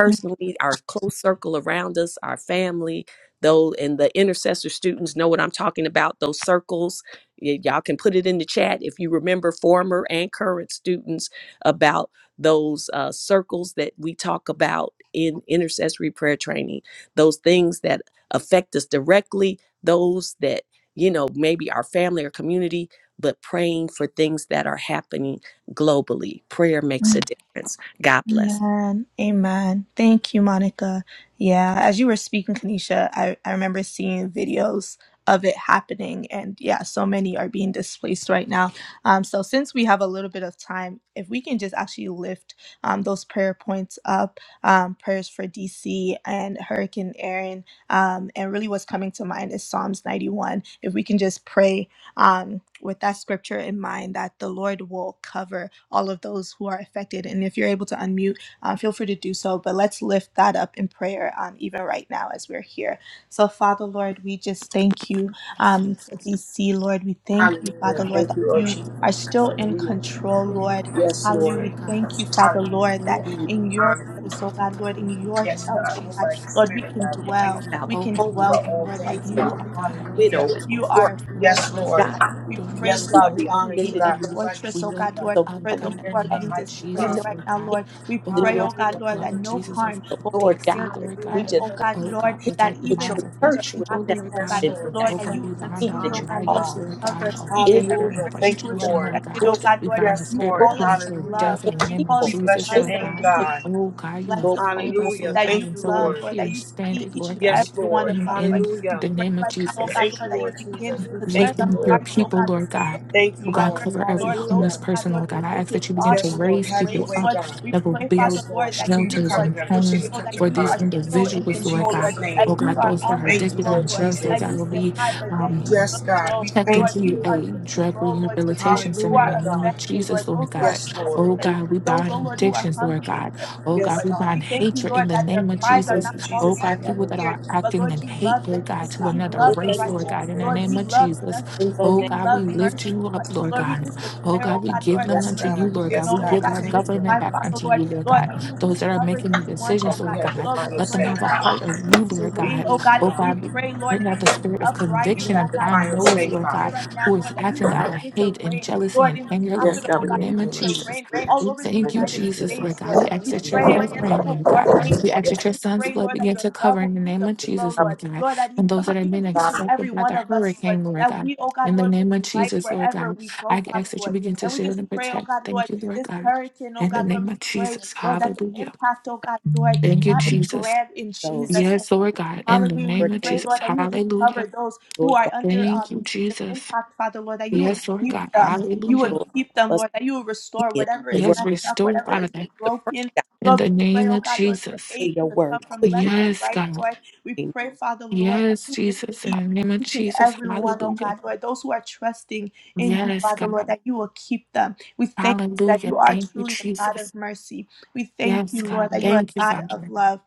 Yeah. our close circle around us, our family, though, and the intercessor students know what I'm talking about, those circles. Y- y'all can put it in the chat if you remember former and current students about those uh, circles that we talk about in intercessory prayer training, those things that affect us directly, those that, you know, maybe our family or community, but praying for things that are happening globally. Prayer Mhm. makes a difference. God bless. Amen. Amen. Thank you, Monica. Yeah, as you were speaking, Kanisha, I, I remember seeing videos of it happening. And yeah, so many are being displaced right now. Um, so, since we have a little bit of time, if we can just actually lift um, those prayer points up um, prayers for DC and Hurricane Aaron. Um, and really, what's coming to mind is Psalms 91. If we can just pray um, with that scripture in mind that the Lord will cover all of those who are affected. And if you're able to unmute, uh, feel free to do so. But let's lift that up in prayer, um, even right now as we're here. So, Father, Lord, we just thank you Yes. um, for DC, Lord. We thank you, Oh God, Father, Hallelujah. we Lord, Thank that come you, to Lord you the name are of Jesus. Jesus. still in Hallelujah. Oh control, Lord. God, Yes, yes, Hallelujah. Lord. We Lord God. thank you, Father, Lord, Hallelujah. that Oh Thank you. God, We in your honor oh place, oh God, God, Lord, cover in them you. your in the Yes, name of shelter, oh God. Move God, by Jesus. your Lord, we spirit, can God. We thank dwell. you about the We Oh can God, homeless, give dwell for there, them a all Lord, heart that of things, you, the you Lord God. are. God, Hallelujah. even widow, and those You the poor. are a officers, Lord God, Yes, that fortress. are Lord. Lord. God We doing what pray, they're Yes, Lord, God, being we that you honor told, you, be Lord created in a God. your Move God. by We fortress, oh lift God, them God. Lord, so up, for God, those we God, who in There's the are none being name of like you, we displaced know Jesus, right Lord Father. now, the God. Lord. kingdom We is Oh in pray, your oh God, God, Hallelujah. the Lord, Thank blood that of you, no Jesus Jesus. over harm so will Lord come near DC, God. their Lord We tent, God. Hallelujah. just oh Thank God, you, Oh Lord, God, Lord. we that protect the even that your as minds of your things are church would people, step happening, Lord oh God, up Yes, God. and Lord. the We Lord, Oh that God, you thank will we you. We bind heat all continue, that oh honor you God, you, call Lord, to riots, Lord God. cover God, all each is and anger and Hallelujah. every person Thank who you, is frustration, Lord. Lord affected, God. your oh that God, We Lord. bind the Yes, You spirit of Lord. your call us to premature Hallelujah. love. death in poor the You name of call We people us to bless Jesus, your love, is Lord the Lord. name, So God. we house do of not God. want Oh God, you Bless the have Lord those called people us, Hallelujah. Lord that God, you Thank and you, so love, we're Lord. Lord, that here you see standing, each Lord and God. Yes, every one Lord. of And them, Lord. in We Hallelujah. the pray name of right now, oh Jesus, God, Thank Lord, you, that you Lord begin Jesus. um, We to turn thank the you, lifting your Lord. hearts, oh people, God, Lord, Lord of God. those Thank Oh you, in God, Lord. power, cover every Lord, those, Hallelujah. homeless oh God, person, Lord, Lord God. with I ask wicked that you begin thoughts to and Yes, wicked Lord. raise Have your people ways, way, up Lord. God. We that will pray, Father, build Yes, Lord. Lord, that Continue you, to shelters Lord, cover and them. will Continue homes to show touch that for them, you these are Father. still in In individuals, Lord control, Lord, God. Jesus' that Oh name. you God, are those that on are the Thank you, addicted on Lord throne, Lord, drugs, Lord Jesus. that you God, will sit be high, but um, yet you Yes, look God. low, We checked thank Lord. into You you. are a looking drug low, Lord, to those rehabilitation who center in the Hallelujah, are name of God. affected, Jesus, Lord, Lord those who are God. being Yes, Oh Lord. displaced, God, we those, bind oh Lord, who are addictions, Lord hungry and God. Oh thirsty, Lord. God, Yes, we We bind God. thank you, hatred Lord, in the that their name of cries are Jesus. Thank not you, Oh falling Jesus. on God, Have your deaf people way, that ears. are Jesus. But acting Lord, in you love hate, the Lord God, Yes, to innocent. You God. another in love We the the thank race, you name for Lord righteous. all God, in the Lord, you name of things. love Jesus. in justice. the Oh name You God, we love mercy, lift you Lord. up, Lord of Lord, we God. just Oh declare, God, oh we God, give Lord, them that Yes, unto mercy you, God. be Lord God. Yes, We shown, oh God. give We God, our in thank this you, government time, back God. Father, unto Lord. you, Lord Lord, God. that you would just Those that are cover making the these ones, oh God, decisions, Lord God. you have the God, Lord, we final let them pray, say, oh have a God, Lord, heart for Father. of you, peace to Lord We reign, God. oh thank God. you, Oh We God, God. pray, Lord, Bring against out the spirit of You uprising, conviction oh have the God. upon final Lord, we those, say, Lord pray God, Father. right now, who Lord, is that you acting just out of begin to hate and reign, jealousy Lord, and in the anger, Lord Yes, capital, God, God. oh We in the God. in You name the of begin name of to Jesus. Jesus. reign We all ask We over you the to thank move you, by United your Jesus, spirit. Lord States, God. Lord. We ask We that Yes, your pray cover love them. against reign, even Lord more God. hate, We Lord. ask that your We son's pray, blood Lord, that begin your to love cover will in the begin name to of flow, Jesus, Lord. Lord God. Lord, that And even, those even that have been even each and every affected by one the of us, Lord, hurricane, Lord that God. we, oh God, In the Lord, name be of light Jesus, Lord wherever God, we go, I Father, ask that you Lord. begin to And we shield just and pray, oh protect. God, Lord, Thank you, Lord this God. hurricane, oh In the God, Lord, name we of pray, Jesus, Lord, that the hallelujah. impact, oh God, Lord, Thank you, not be Jesus. grand in those Jesus' name. Yes, Lord God. In the Hallelujah. We name of pray, hurricanes, Jesus, Lord, that you would just hallelujah. cover those who Lord are God, under Thank um, you, the Jesus. impact, Father, Lord, that who you are would Yes, Lord keep God. them. You would Hallelujah. Lord, keep them, us Lord, that you would to restore hear whatever the is word, Yes, messed up, restore, whatever is Father, the prayer, broken. God, in Lord, we the pray, name oh of God, Lord, for Jesus. may aid your to come word from left quickly. and Yes, right, God. Lord. We pray, Father, Lord, that Yes, you would just Jesus, in keep God. the name of each and Jesus. every one, oh Hallelujah. God, Lord, those who are trusting in you, Yes, Father, Lord, God. that you will keep them. We thank you that Hallelujah. you are Thank you, truly a God Jesus. of mercy. We thank Yes, you, Lord, God. that you are Thank a you, God of Father. love.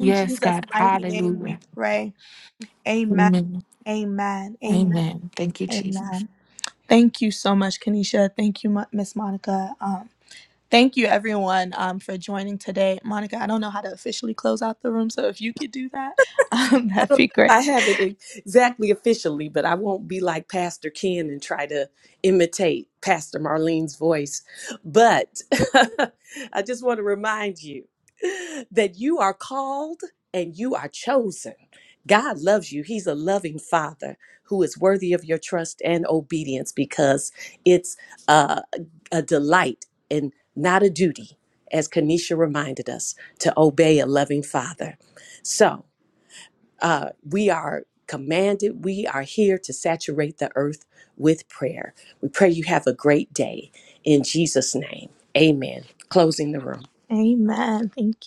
In Jesus' God. mighty name Hallelujah. we pray. Amen. Amen. Amen. Amen. Amen. Thank you, Jesus. Amen. Thank you so much, Kanisha. Thank you, Mo- Miss Monica. Um, thank you, everyone, um, for joining today. Monica, I don't know how to officially close out the room, so if you could do that, um, I that'd don't be know great. if I have it ex- exactly officially, but I won't be like Pastor Ken and try to imitate Pastor Marlene's voice. But I just want to remind you that you are called and you are chosen. God loves you. He's a loving father who is worthy of your trust and obedience because it's uh, a delight and not a duty, as Kanisha reminded us, to obey a loving father. So, uh, we are commanded, we are here to saturate the earth with prayer. We pray you have a great day in Jesus' name. Amen. Closing the room. Amen. Thank you.